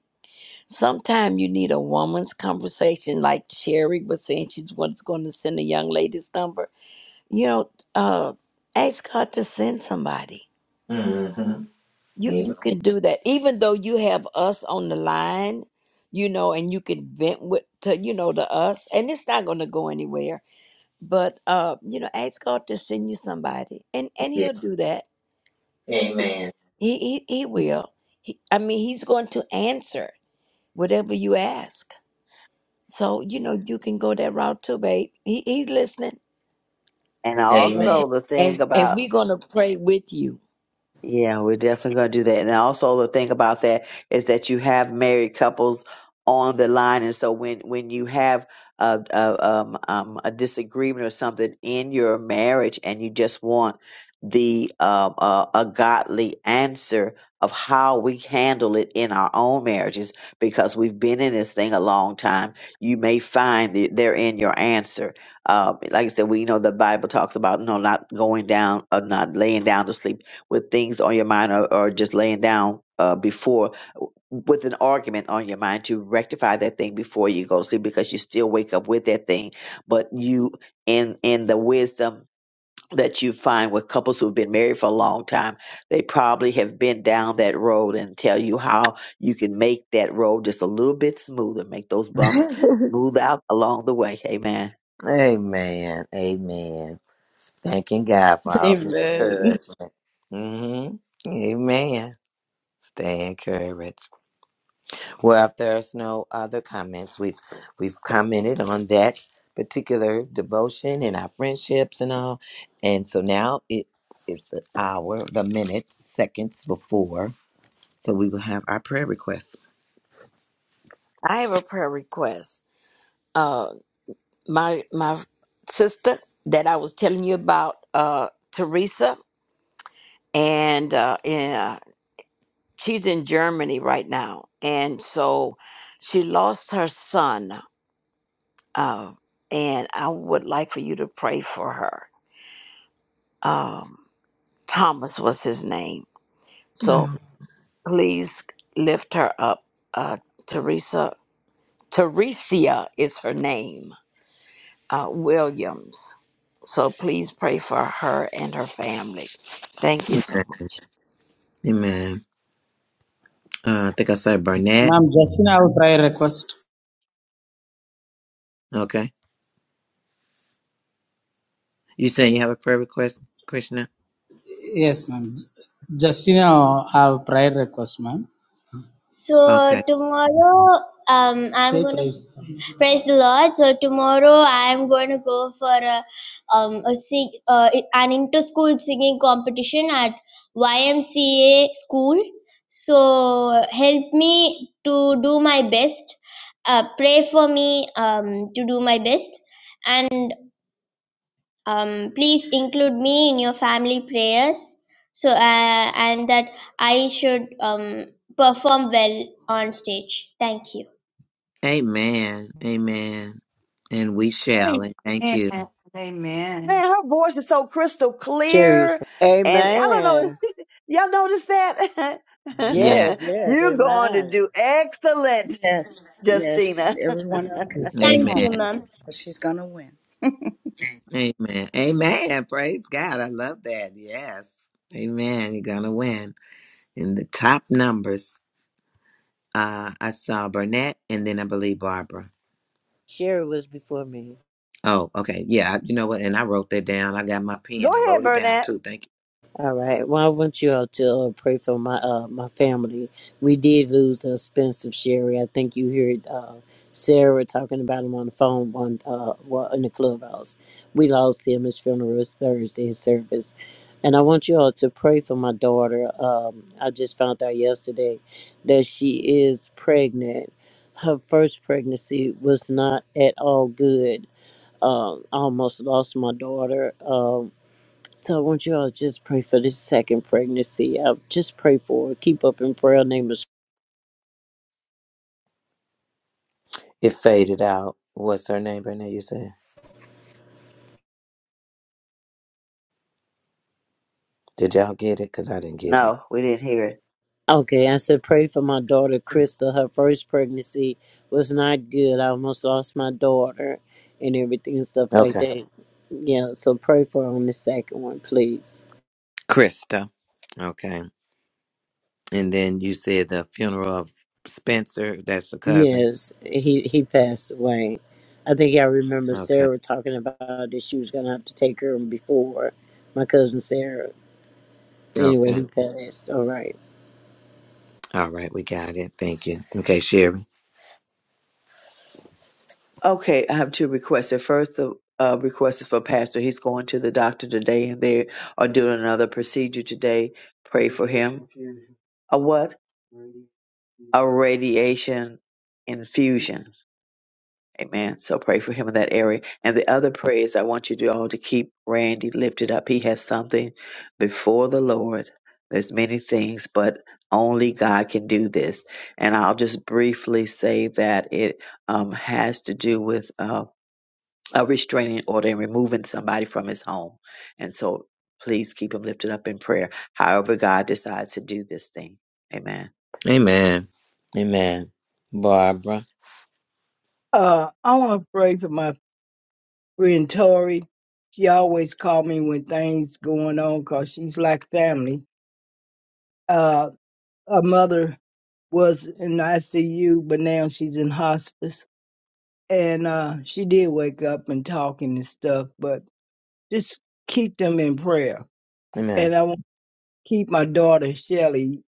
sometime you need a woman's conversation, like Sherry was saying she's what's going to send a young lady's number. You know, uh, ask God to send somebody. Mm-hmm. You Amen. you can do that, even though you have us on the line, you know, and you can vent with to you know to us, and it's not going to go anywhere. But uh, you know, ask God to send you somebody, and and Yeah. He'll do that. Amen. He he, he will. He, I mean, He's going to answer whatever you ask. So you know, you can go that route too, babe. He he's listening, And Amen. also the thing and and about we're gonna pray with you. Yeah, we're definitely going to do that. And also the thing about that is that you have married couples on the line, and so when when you have a a, um, um, a disagreement or something in your marriage, and you just want the um, uh, a godly answer of how we handle it in our own marriages, because we've been in this thing a long time, you may find that they're in your answer. Uh, like I said, we know the Bible talks about no, not going down or not laying down to sleep with things on your mind or, or just laying down uh, before with an argument on your mind to rectify that thing before you go to sleep because you still wake up with that thing. But you, in in the wisdom that you find with couples who've been married for a long time, they probably have been down that road and tell you how you can make that road just a little bit smoother, make those bumps smooth out along the way. Amen. amen. Amen. Thanking God for all the Amen. encouragement. hmm Amen. Stay encouraged. Well, if there's no other comments, we've we've commented on that particular devotion and our friendships and all. And so now it is the hour, the minutes, seconds before. So we will have our prayer requests. I have a prayer request. my my sister that I was telling you about, uh, Teresa, and uh, in, uh, she's in Germany right now, and so she lost her son, uh, and I would like for you to pray for her. Thomas was his name, so Oh. please lift her up. Uh, Teresa, Teresia is her name. Uh, Williams. So please pray for her and her family. Thank you so much. Amen. Uh, I think I said Burnett. Must Okay. You saying you have a prayer request, Krishna? yes, ma'am. Justina, have prayer request, ma'am. So Okay. tomorrow, um, I'm Say gonna praise. some. praise the Lord. So tomorrow, I'm going to go for a, um, a sing, uh, an inter-school singing competition at YMCA school. So help me to do my best. Uh, pray for me um, to do my best, and um, please include me in your family prayers so uh, and that i should um, perform well on stage thank you Amen. Amen. And we shall. And thank you. Amen. Man, Amen. her voice is so crystal Jews. clear. And I don't know, Amen. y'all notice that? Yeah. Yes, yes, You're going to amen. do excellent, Yes, yes. Justina. Everyone else can stay thank Amen. you home ma'am because she's going to win. Amen. Amen. Praise God. I love that. Yes. Amen. You're gonna win. In the top numbers, uh, I saw Burnett and then I believe Barbara. Sherry was before me. Oh, okay. Yeah, I- you know what? And I wrote that down. I got my Go pen and ahead, wrote it down Burnett. too. Thank you. All right. Well, I want you all to uh, pray for my uh, my family. We did lose the expensive Sherry. I think you heard uh, Sarah talking about him on the phone on uh, well, in the clubhouse. We lost him. His funeral was Thursday his service, and I want you all to pray for my daughter. Um, I just found out yesterday that she is pregnant. Her first pregnancy was not at all good um, I almost lost my daughter. Um, so I want you all to just pray for this second pregnancy. Uh, just pray for her. Keep up in prayer. Her Name is It faded out. What's her name, Burnett? You said? Did y'all get it? Because I didn't get it. No, we didn't hear it. okay. I said pray for my daughter Krista. Her first pregnancy was not good. I almost lost my daughter and everything and stuff like Okay. that. Yeah. So pray for her on the second one, please. Krista. Okay. And then you said the funeral of Spencer, that's a cousin. Yes, he he passed away. I think I remember Okay. Sarah talking about that she was gonna have to take her before my cousin Sarah. Anyway, Okay. he passed. All right. All right, we got it. Thank you. Okay, Sherry. Okay, I have two requests. The first the uh, request is for Pastor. He's going to the doctor today and they are doing another procedure today. Pray for him. A what? A radiation infusion. Amen. So pray for him in that area. And the other prayers I want you to all to keep Randy lifted up. He has something before the Lord. There's many things, but only God can do this. And I'll just briefly say that it um, has to do with uh, a restraining order and removing somebody from his home. And so please keep him lifted up in prayer, however God decides to do this thing. Amen. Amen. Amen. Barbara. Uh I wanna pray for my friend Tori. She always call me when things going on 'cause she's like family. Uh her mother was in ICU, but now she's in hospice and uh, she did wake up and talking and stuff, but just keep them in prayer. Amen. And I want to keep my daughter Shelly.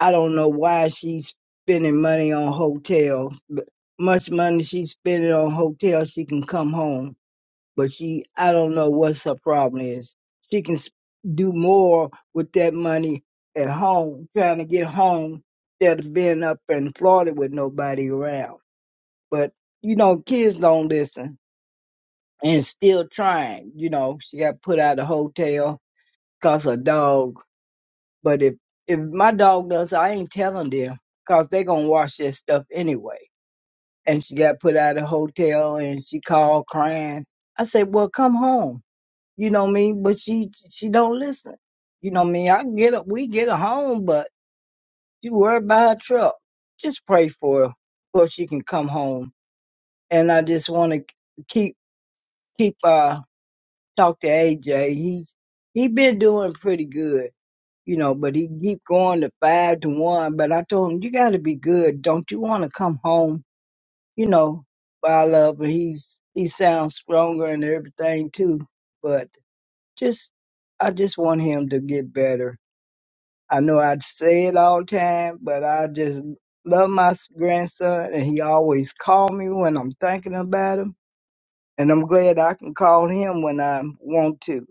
I don't know why she's spending money on hotels, but much money she's spending on hotels, she can come home. But she, I don't know what's her problem is. She can s- do more with that money at home, trying to get home instead of being up in Florida with nobody around. But you know, kids don't listen and still trying. You know, she got put out of the hotel because her dog. But if if my dog does, I ain't telling them because they gonna wash that stuff anyway. And she got put out of the hotel, and she called crying. I said, "Well, come home." You know me, but she she don't listen. You know me. I can get her, we get her home, but she worried about her truck. Just pray for her, so she can come home. And I just want to keep keep uh talked to AJ. He's he been doing pretty good, you know, but he keep going to five to one. But I told him, you got to be good. Don't you want to come home? You know, I love. But he's he sounds stronger and everything too. But just I just want him to get better. I know I say it all the time, but I just love my s- grandson, and he always call me when I'm thinking about him and I'm glad I can call him when I want to,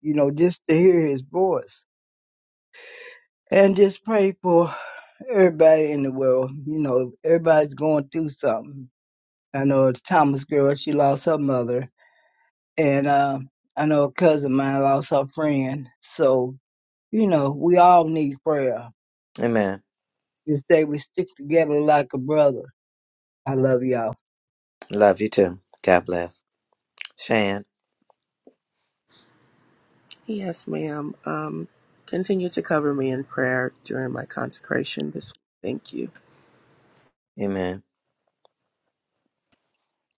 you know, just to hear his voice. And just pray for everybody in the world. You know, everybody's going through something. I know it's Thomas' girl, she lost her mother. And uh, I know a cousin of mine lost her friend. So, you know, we all need prayer. Amen. Just say we stick together like a brother. I love y'all. Love you too. God bless. Shan. Yes, ma'am. Um, continue to cover me in prayer during my consecration this week. Thank you. Amen.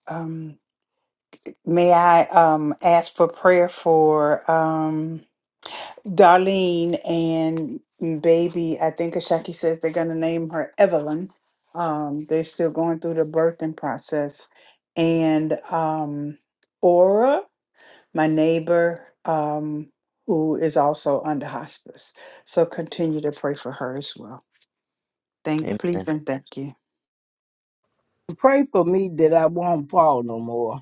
Um, may I um, ask for prayer for um, Darlene and baby? I think Ashaki says they're going to name her Evelyn. Um, they're still going through the birthing process. And um, Aura? my neighbor um, who is also under hospice. So continue to pray for her as well. Thank, please, Amen. and thank you. Pray for me that I won't fall no more.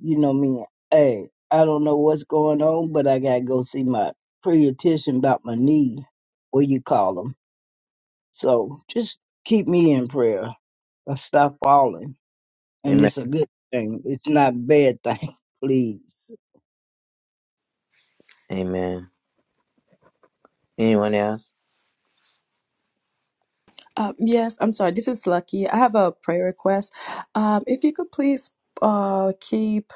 you know me, hey, I don't know what's going on, but I gotta go see my pediatrician about my knee, what you call them? So just keep me in prayer. I stop falling, and Amen. it's a good thing. It's not a bad thing, please. Amen. Anyone else? Um, yes, I'm sorry. This is Lucky. I have a prayer request. Um, if you could please uh, keep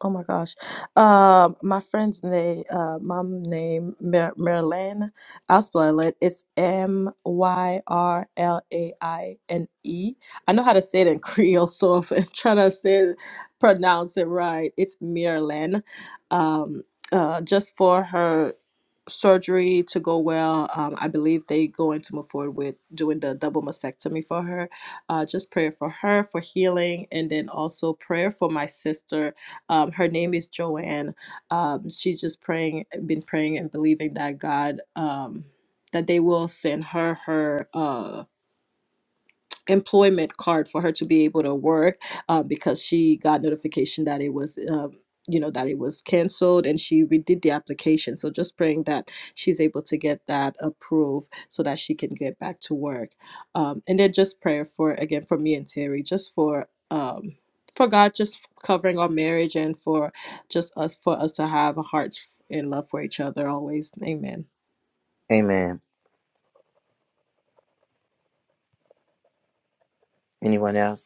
Oh my gosh. Um, my friend's name, uh, mom name, Mer- Merlane. I'll spell it. It's M Y R L A I N E. I know how to say it in Creole, so if I'm trying to say it, pronounce it right, it's Marilyn. Um, uh, just for her surgery to go well. Um, I believe they going to move forward with doing the double mastectomy for her. Uh, just prayer for her for healing, and then also prayer for my sister. Um, her name is Joanne. Um, she's just praying, been praying and believing that God, um, that they will send her her. Uh, employment card for her to be able to work uh, because she got notification that it was um, you know that it was canceled and she redid the application so just praying that she's able to get that approved so that she can get back to work um, and then just prayer for again for me and terry just for um, for god just covering our marriage and for just us for us to have a heart and love for each other always amen Amen. Anyone else?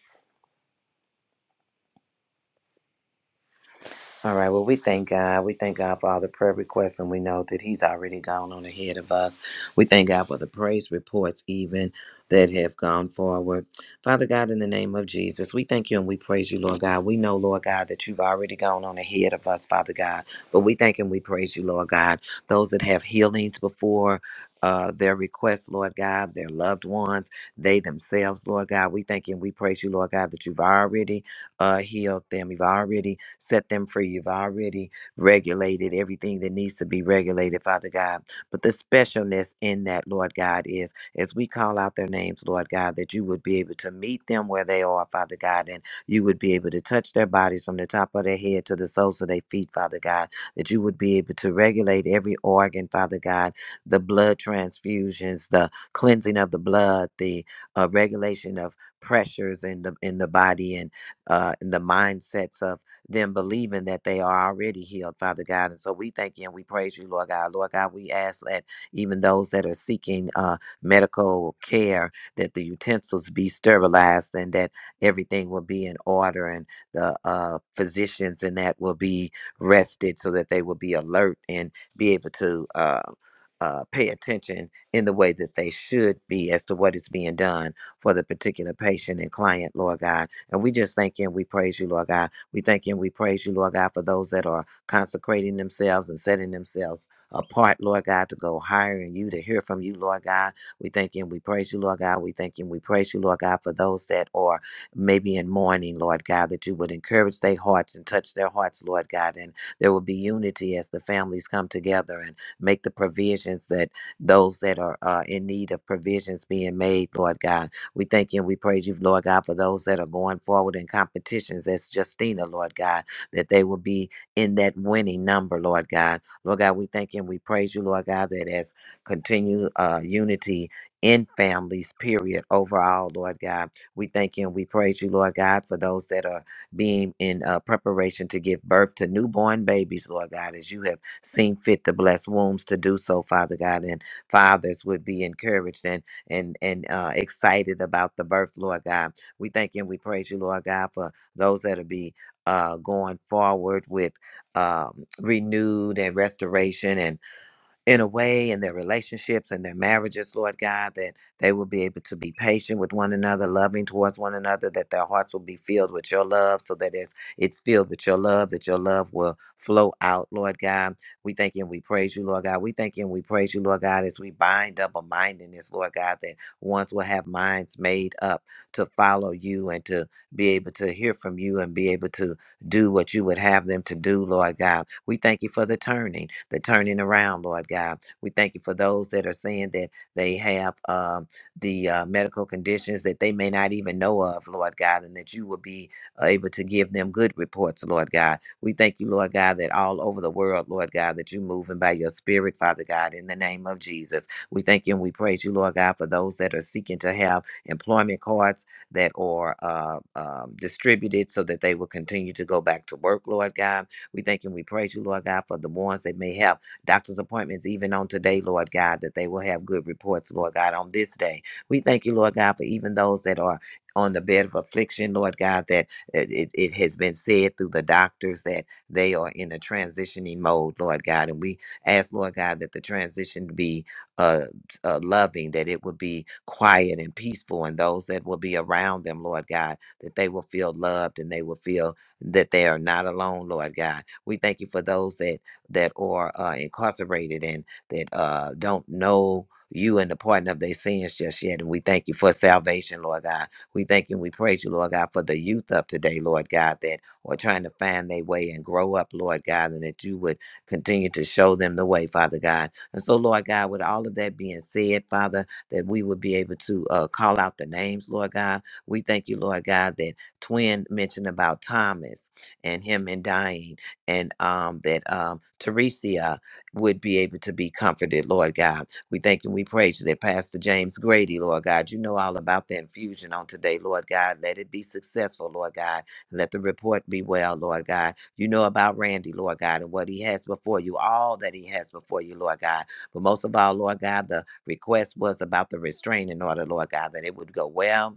All right. Well, we thank God. We thank God for all the prayer requests, and we know that He's already gone on ahead of us. We thank God for the praise reports, even that have gone forward. Father God, in the name of Jesus, we thank you and we praise you, Lord God. We know, Lord God, that you've already gone on ahead of us, Father God. But we thank and we praise you, Lord God. Those that have healings before. Uh, their requests, Lord God, their loved ones, they themselves, Lord God. We thank you and we praise you, Lord God, that you've already uh, healed them. You've already set them free. You've already regulated everything that needs to be regulated, Father God. But the specialness in that, Lord God, is as we call out their names, Lord God, that you would be able to meet them where they are, Father God, and you would be able to touch their bodies from the top of their head to the soles of their feet, Father God, that you would be able to regulate every organ, Father God, the blood transfusions, the cleansing of the blood, the uh, regulation of pressures in the in the body and uh, and the mindsets of them believing that they are already healed, Father God. And so we thank you and we praise you, Lord God. Lord God, we ask that even those that are seeking uh, medical care, that the utensils be sterilized and that everything will be in order and the uh, physicians and that will be rested so that they will be alert and be able to. Uh, uh, pay attention in the way that they should be as to what is being done for the particular patient and client, Lord God. And we just thank you and we praise you, Lord God. We thank you and we praise you, Lord God, for those that are consecrating themselves and setting themselves apart, Lord God, to go higher in you, to hear from you, Lord God. We thank you and we praise you, Lord God. We thank you and we praise you, Lord God, for those that are maybe in mourning, Lord God, that you would encourage their hearts and touch their hearts, Lord God. And there will be unity as the families come together and make the provisions that those that are uh, in need of provisions being made, Lord God. We thank you and we praise you, Lord God, for those that are going forward in competitions as Justina, Lord God, that they will be in that winning number, Lord God. Lord God, we thank you and we praise you, Lord God, that as continue uh, unity in families, period, overall, Lord God. We thank you and we praise you, Lord God, for those that are being in uh, preparation to give birth to newborn babies, Lord God, as you have seen fit to bless wombs to do so, Father God, and fathers would be encouraged. And and and uh, excited about the birth, Lord God. We thank you and we praise you, Lord God, for those that'll be uh, going forward with um, renewed and restoration and in a way in their relationships and their marriages, Lord God, that they will be able to be patient with one another, loving towards one another, that their hearts will be filled with your love, so that it's, it's filled with your love, that your love will flow out, Lord God. We thank you and we praise you, Lord God. We thank you and we praise you, Lord God, as we bind double mindedness, Lord God, that ones will have minds made up to follow you and to be able to hear from you and be able to do what you would have them to do, Lord God we thank you for the turning, the turning around, Lord God. We thank you for those that are saying that they have um, the uh, medical conditions that they may not even know of, Lord God, and that you will be uh, able to give them good reports, Lord God. We thank you, Lord God, that all over the world, Lord God, that you're moving by your spirit, Father God, in the name of Jesus. We thank you and we praise you, Lord God, for those that are seeking to have employment cards that are uh, um, distributed so that they will continue to go back to work, Lord God we thank and we praise you, Lord God, for the ones that may have doctor's appointments even on today, Lord God, that they will have good reports, Lord God, on this day. We thank you, Lord God, for even those that are on the bed of affliction, Lord God, that it, it it has been said through the doctors that they are in a transitioning mode, Lord God. And we ask, Lord God, that the transition be uh, uh, loving, that it will be quiet and peaceful, and those that will be around them, Lord God, that they will feel loved and they will feel that they are not alone, Lord God we thank you for those that that are uh, incarcerated and that uh, don't know you and the pardon of their sins just yet. And we thank you for salvation, Lord God. We thank you and we praise you, Lord God, for the youth of today, Lord God, that are trying to find their way and grow up, Lord God, and that you would continue to show them the way, Father God. And so, Lord God, with all of that being said, Father, that we would be able to uh, call out the names, Lord God. We thank you, Lord God, that Twin mentioned about Thomas and him and dying and um, that um, Teresia would be able to be comforted, Lord God. We thank and we praise you that Pastor James Grady, Lord God, you know all about the infusion on today, Lord God. Let it be successful, Lord God. Let the report be well, Lord God. You know about Randy, Lord God, and what he has before you, all that he has before you, Lord God. But most of all, Lord God, the request was about the restraining order, Lord God, that it would go well.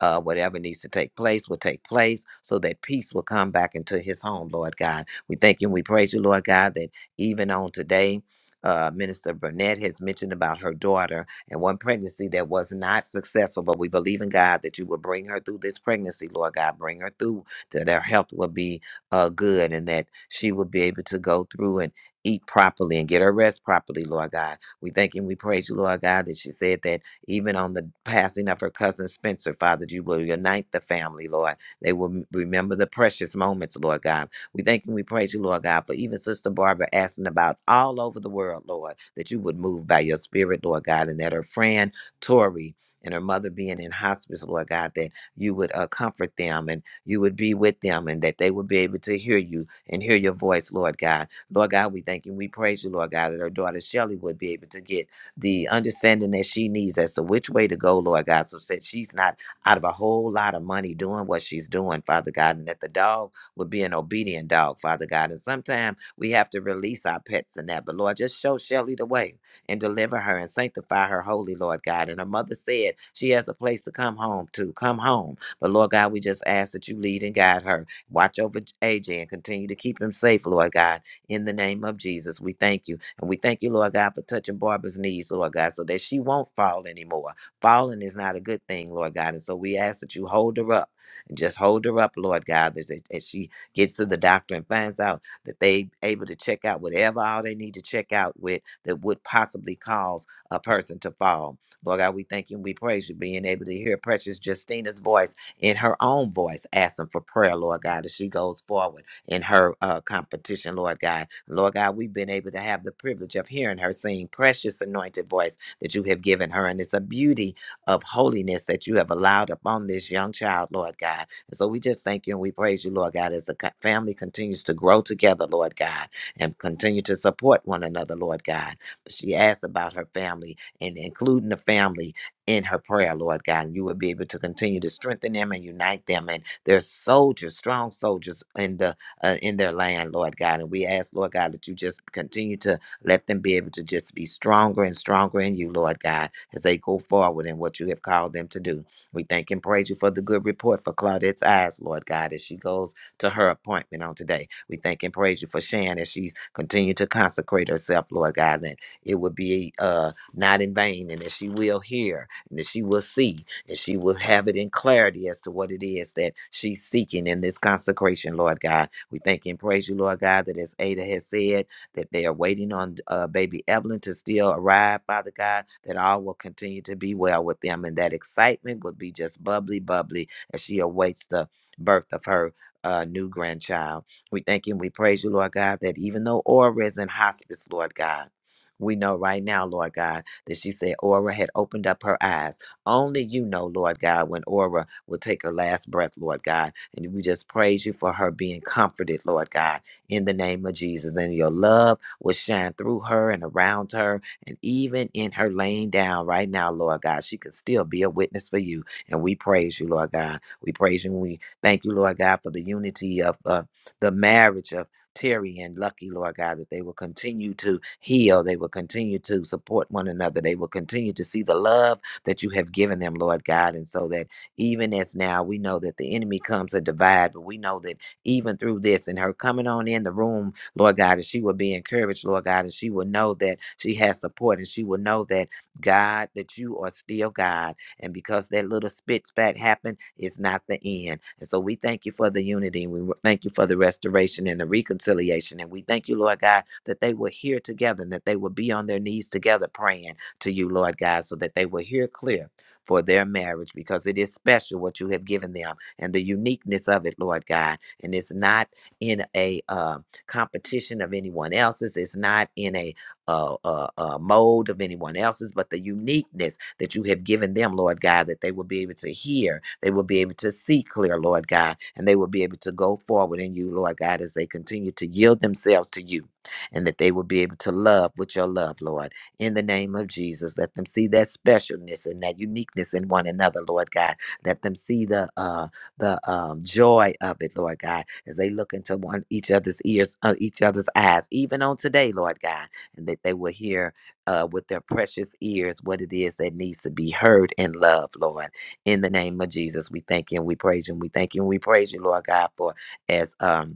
Uh, whatever needs to take place will take place so that peace will come back into his home, Lord God we thank you and we praise you, Lord God, that even on today, uh, Minister Burnett has mentioned about her daughter and one pregnancy that was not successful, but we believe in God that you will bring her through this pregnancy, Lord God. Bring her through, that her health will be uh, good and that she will be able to go through and eat properly and get her rest properly, Lord God. We thank you and we praise you, Lord God, that she said that even on the passing of her cousin Spencer, Father, that you will unite the family, Lord. They will m- remember the precious moments, Lord God we thank and we praise you, Lord God, for even Sister Barbara asking about all over the world, Lord, that you would move by your spirit, Lord God, and that her friend Tori and her mother being in hospice, Lord God, that you would uh, comfort them and you would be with them and that they would be able to hear you and hear your voice, Lord God. Lord God, we thank you. We praise you, Lord God, that her daughter Shelly would be able to get the understanding that she needs as to which way to go, Lord God, so that she's not out of a whole lot of money doing what she's doing, Father God, and that the dog with being obedient dog, Father God. And sometimes we have to release our pets in that. But Lord, just show Shelly the way and deliver her and sanctify her holy, Lord God. And her mother said she has a place to come home to. Come home. But Lord God, we just ask that you lead and guide her. Watch over J- AJ and continue to keep him safe, Lord God. In the name of Jesus, we thank you. And we thank you, Lord God, for touching Barbara's knees, Lord God, so that she won't fall anymore. Falling is not a good thing, Lord God. And so we ask that you hold her up and just hold her up, Lord God, as, as she gets to the doctor and finds out that they able to check out whatever all they need to check out with that would possibly cause a person to fall. Lord God, we thank you and we praise you being able to hear precious Justina's voice in her own voice, asking for prayer, Lord God, as she goes forward in her uh, competition, Lord God. Lord God, we've been able to have the privilege of hearing her sing precious anointed voice that you have given her. And it's a beauty of holiness that you have allowed upon this young child, Lord God. And so we just thank you and we praise you, Lord God, as the co- family continues to grow together, Lord God, and continue to support one another, Lord God. She asked about her family and including the family in her prayer, Lord God. And you will be able to continue to strengthen them and unite them. And they're soldiers, strong soldiers in the uh, in their land, Lord God. And we ask, Lord God, that you just continue to let them be able to just be stronger and stronger in you, Lord God, as they go forward in what you have called them to do. We thank and praise you for the good report for Claudette's eyes, Lord God, as she goes to her appointment on today. We thank and praise you for Shan as she's continued to consecrate herself, Lord God, that it would be uh, not in vain and that she will hear and that she will see and she will have it in clarity as to what it is that she's seeking in this consecration, Lord God. We thank and praise you, Lord God, that as Ada has said, that they are waiting on uh, baby Evelyn to still arrive, Father God, that all will continue to be well with them. And that excitement would be just bubbly, bubbly as she awaits the birth of her uh, new grandchild. We thank you and we praise you, Lord God, that even though Aura is in hospice, Lord God, we know right now, Lord God, that she said Aura had opened up her eyes. Only you know, Lord God, when Aura will take her last breath, Lord God. And we just praise you for her being comforted, Lord God in the name of Jesus. And your love will shine through her and around her and even in her laying down right now, Lord God. She can still be a witness for you. And we praise you, Lord God. We praise you and we thank you, Lord God, for the unity of uh, the marriage of Terry and Lucky, Lord God, that they will continue to heal. They will continue to support one another. They will continue to see the love that you have given them, Lord God. And so that even as now we know that the enemy comes to divide, but we know that even through this and her coming on in the room, Lord God, and she will be encouraged, Lord God, and she will know that she has support and she will know that God, that you are still God. And because that little spit spat happened, it's not the end. And so we thank you for the unity. We w- thank you for the restoration and the reconciliation. And we thank you, Lord God, that they were here together and that they will be on their knees together praying to you, Lord God, so that they will hear clear for their marriage because it is special what you have given them and the uniqueness of it, Lord God and it's not in a uh, competition of anyone else's. It's not in a uh, uh, uh, mold of anyone else's, but the uniqueness that you have given them, Lord God, that they will be able to hear, they will be able to see clear, Lord God, and they will be able to go forward in you, Lord God, as they continue to yield themselves to you, and that they will be able to love with your love, Lord. In the name of Jesus, let them see that specialness and that uniqueness in one another, Lord God. Let them see the uh, the um, joy of it, Lord God, as they look into one each other's ears, uh, each other's eyes, even on today, Lord God, and that they will hear uh, with their precious ears what it is that needs to be heard in love, Lord. In the name of Jesus, we thank you and we praise you and we thank you and we praise you, Lord God, for as um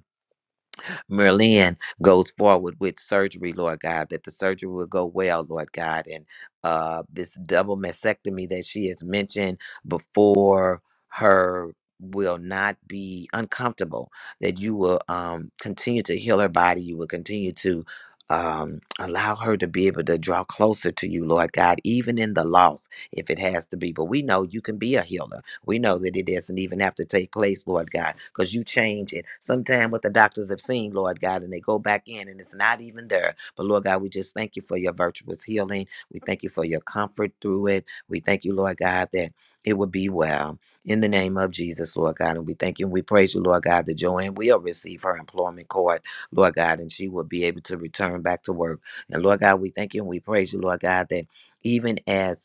Merlin goes forward with surgery, Lord God, that the surgery will go well, Lord God. And uh, this double mastectomy that she has mentioned before her will not be uncomfortable, that you will um, continue to heal her body. You will continue to um, allow her to be able to draw closer to you, Lord God, even in the loss, if it has to be. But we know you can be a healer. We know that it doesn't even have to take place, Lord God, because you change it. Sometime what the doctors have seen, Lord God, and they go back in and it's not even there. But Lord God, we just thank you for your virtuous healing. We thank you for your comfort through it. We thank you, Lord God, that it will be well in the name of Jesus, Lord God. And we thank you and we praise you, Lord God, that Joanne will receive her employment card, Lord God, and she will be able to return back to work. And Lord God, we thank you and we praise you, Lord God, that even as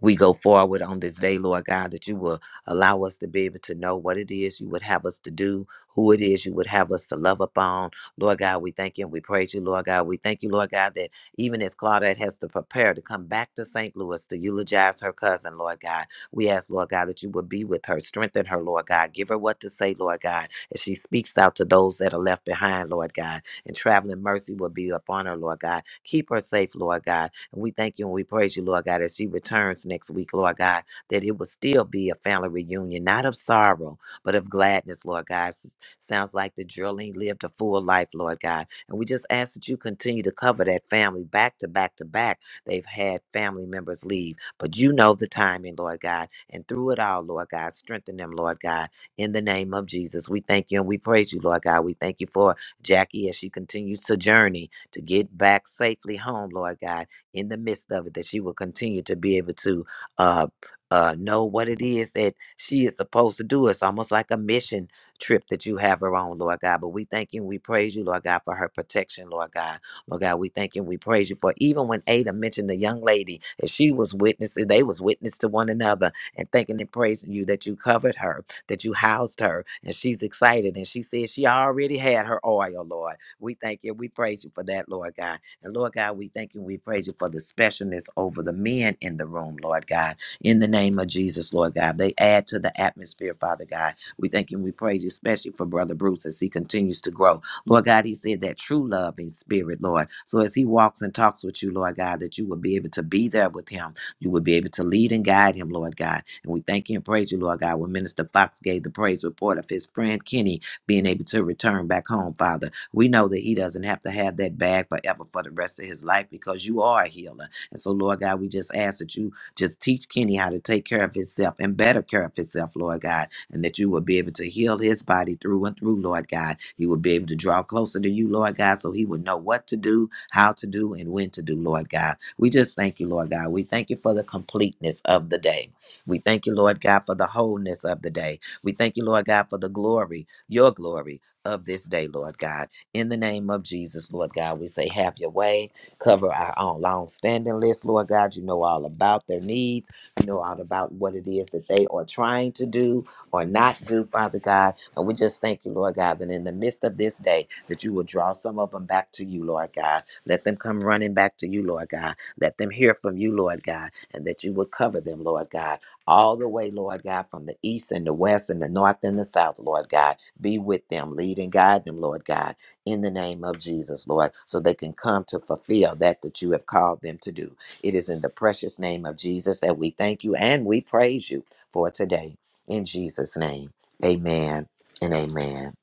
we go forward on this day, Lord God, that you will allow us to be able to know what it is you would have us to do, who it is you would have us to love upon. Lord God, we thank you and we praise you, Lord God. We thank you, Lord God, that even as Claudette has to prepare to come back to St. Louis to eulogize her cousin, Lord God, we ask, Lord God, that you would be with her, strengthen her, Lord God, give her what to say, Lord God, as she speaks out to those that are left behind, Lord God, and traveling mercy will be upon her, Lord God. Keep her safe, Lord God and we thank you and we praise you, Lord God, as she returns next week, Lord God, that it will still be a family reunion, not of sorrow, but of gladness, Lord God. S- Sounds like the drilling lived a full life, Lord God. And we just ask that you continue to cover that family back to back to back. They've had family members leave, but you know the timing, Lord God. And through it all, Lord God, strengthen them, Lord God, in the name of Jesus. We thank you and we praise you, Lord God. We thank you for Jackie as she continues to journey to get back safely home, Lord God in the midst of it, that she will continue to be able to uh, uh, know what it is that she is supposed to do. It's almost like a mission trip that you have her on, Lord God. But we thank you and we praise you, Lord God, for her protection, Lord God. Lord God, we thank you and we praise you for even when Ada mentioned the young lady, as she was witnessing, they was witness to one another and thanking and praising you that you covered her, that you housed her, and she's excited. And she said she already had her oil, Lord. We thank you. We praise you for that, Lord God. And Lord God, we thank you. We praise you for the specialness over the men in the room, Lord God. In the name of Jesus, Lord God, they add to the atmosphere, Father God. We thank you. We praise you, especially for Brother Bruce as he continues to grow. Lord God, he said that true love in spirit, Lord. So as he walks and talks with you, Lord God, that you will be able to be there with him. You will be able to lead and guide him, Lord God. And we thank you and praise you, Lord God, when Minister Fox gave the praise report of his friend Kenny being able to return back home, Father. We know that he doesn't have to have that bag forever for the rest of his life because you are a healer. And so, Lord God, we just ask that you just teach Kenny how to take care of himself and better care of himself, Lord God, and that you will be able to heal his body through and through, Lord God. He will be able to draw closer to you, Lord God, so he will know what to do, how to do, and when to do, Lord God. We just thank you, Lord God. We thank you for the completeness of the day. We thank you, Lord God, for the wholeness of the day. We thank you, Lord God, for the glory, your glory. Of this day, Lord God. In the name of Jesus, Lord God, we say, have your way. Cover our own long standing list, Lord God. You know all about their needs. You know all about what it is that they are trying to do or not do, Father God. And we just thank you, Lord God, that in the midst of this day, that you will draw some of them back to you, Lord God. Let them come running back to you, Lord God. Let them hear from you, Lord God, and that you would cover them, Lord God, all the way, Lord God, from the east and the west and the north and the south, Lord God. Be with them, lead and guide them, Lord God in the name of Jesus, Lord, so they can come to fulfill that that you have called them to do. It is in the precious name of Jesus that we thank you and we praise you for today. In Jesus' name, amen and amen.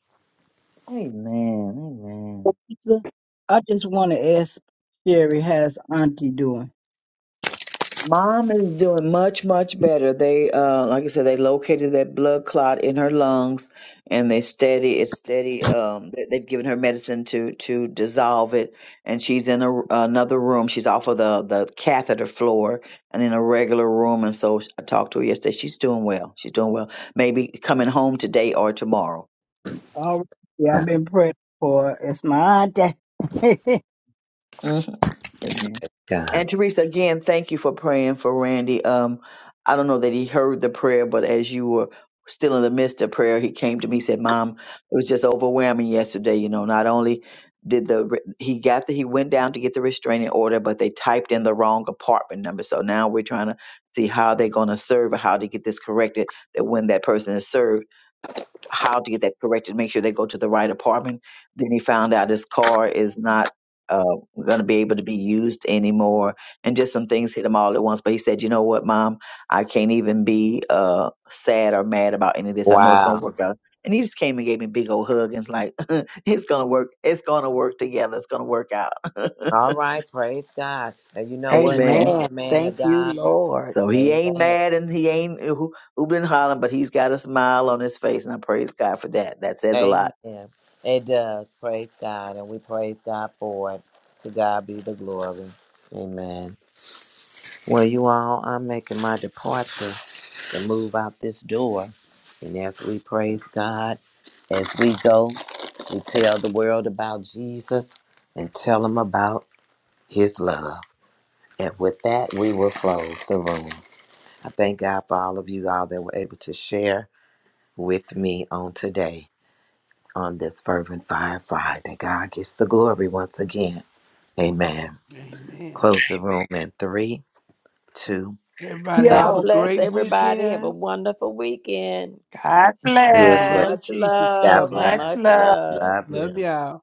Amen. Amen. Lisa, I just want to ask Sherry, how's Auntie doing? Mom is doing much, much better. They, uh, like I said, they located that blood clot in her lungs, and they steady. It's steady. Um, they- they've given her medicine to to dissolve it, and she's in a, another room. She's off of the the catheter floor and in a regular room. And so I talked to her yesterday. She's doing well. She's doing well. Maybe coming home today or tomorrow. All right, yeah, I've been praying for her. It's my auntie. hmm God. And Teresa, again, thank you for praying for Randy. Um, I don't know that he heard the prayer, but as you were still in the midst of prayer, he came to me said, "Mom, it was just overwhelming yesterday. You know, not only did the he got the he went down to get the restraining order, but they typed in the wrong apartment number. So now we're trying to see how they're going to serve or how to get this corrected. That when that person is served." how to get that corrected, make sure they go to the right apartment. Then he found out his car is not uh, going to be able to be used anymore, and just some things hit him all at once. But he said, "You know what, Mom? I can't even be uh, sad or mad about any of this. I know it's going to Wow. work out." And he just came and gave me a big old hug and was like, "It's going to work. It's going to work together. It's going to work out." All right. Praise God. And you know what? Amen. Ask Amen. the man of Thank you, God. Lord. So he ain't Amen. mad and he ain't who who been hollering, but he's got a smile on his face, and I praise God for that. That says a lot Amen. It does. Praise God. And we praise God for it. To God be the glory. Amen. Well, you all, I'm making my departure. to move out this door. And as we praise God, as we go, we tell the world about Jesus and tell them about his love. And with that, we will close the room. I thank God for all of you all that were able to share with me on today on this Fervent Fire Friday. God gets the glory once again. Amen. Amen. Close the room in three, two, Everybody and have God a Yo, bless great everybody. Have a weekend. wonderful weekend. God The you as well. blood of Much bless. Jesus God love. covers. bless. Much Much love. love. Love you. Love y'all.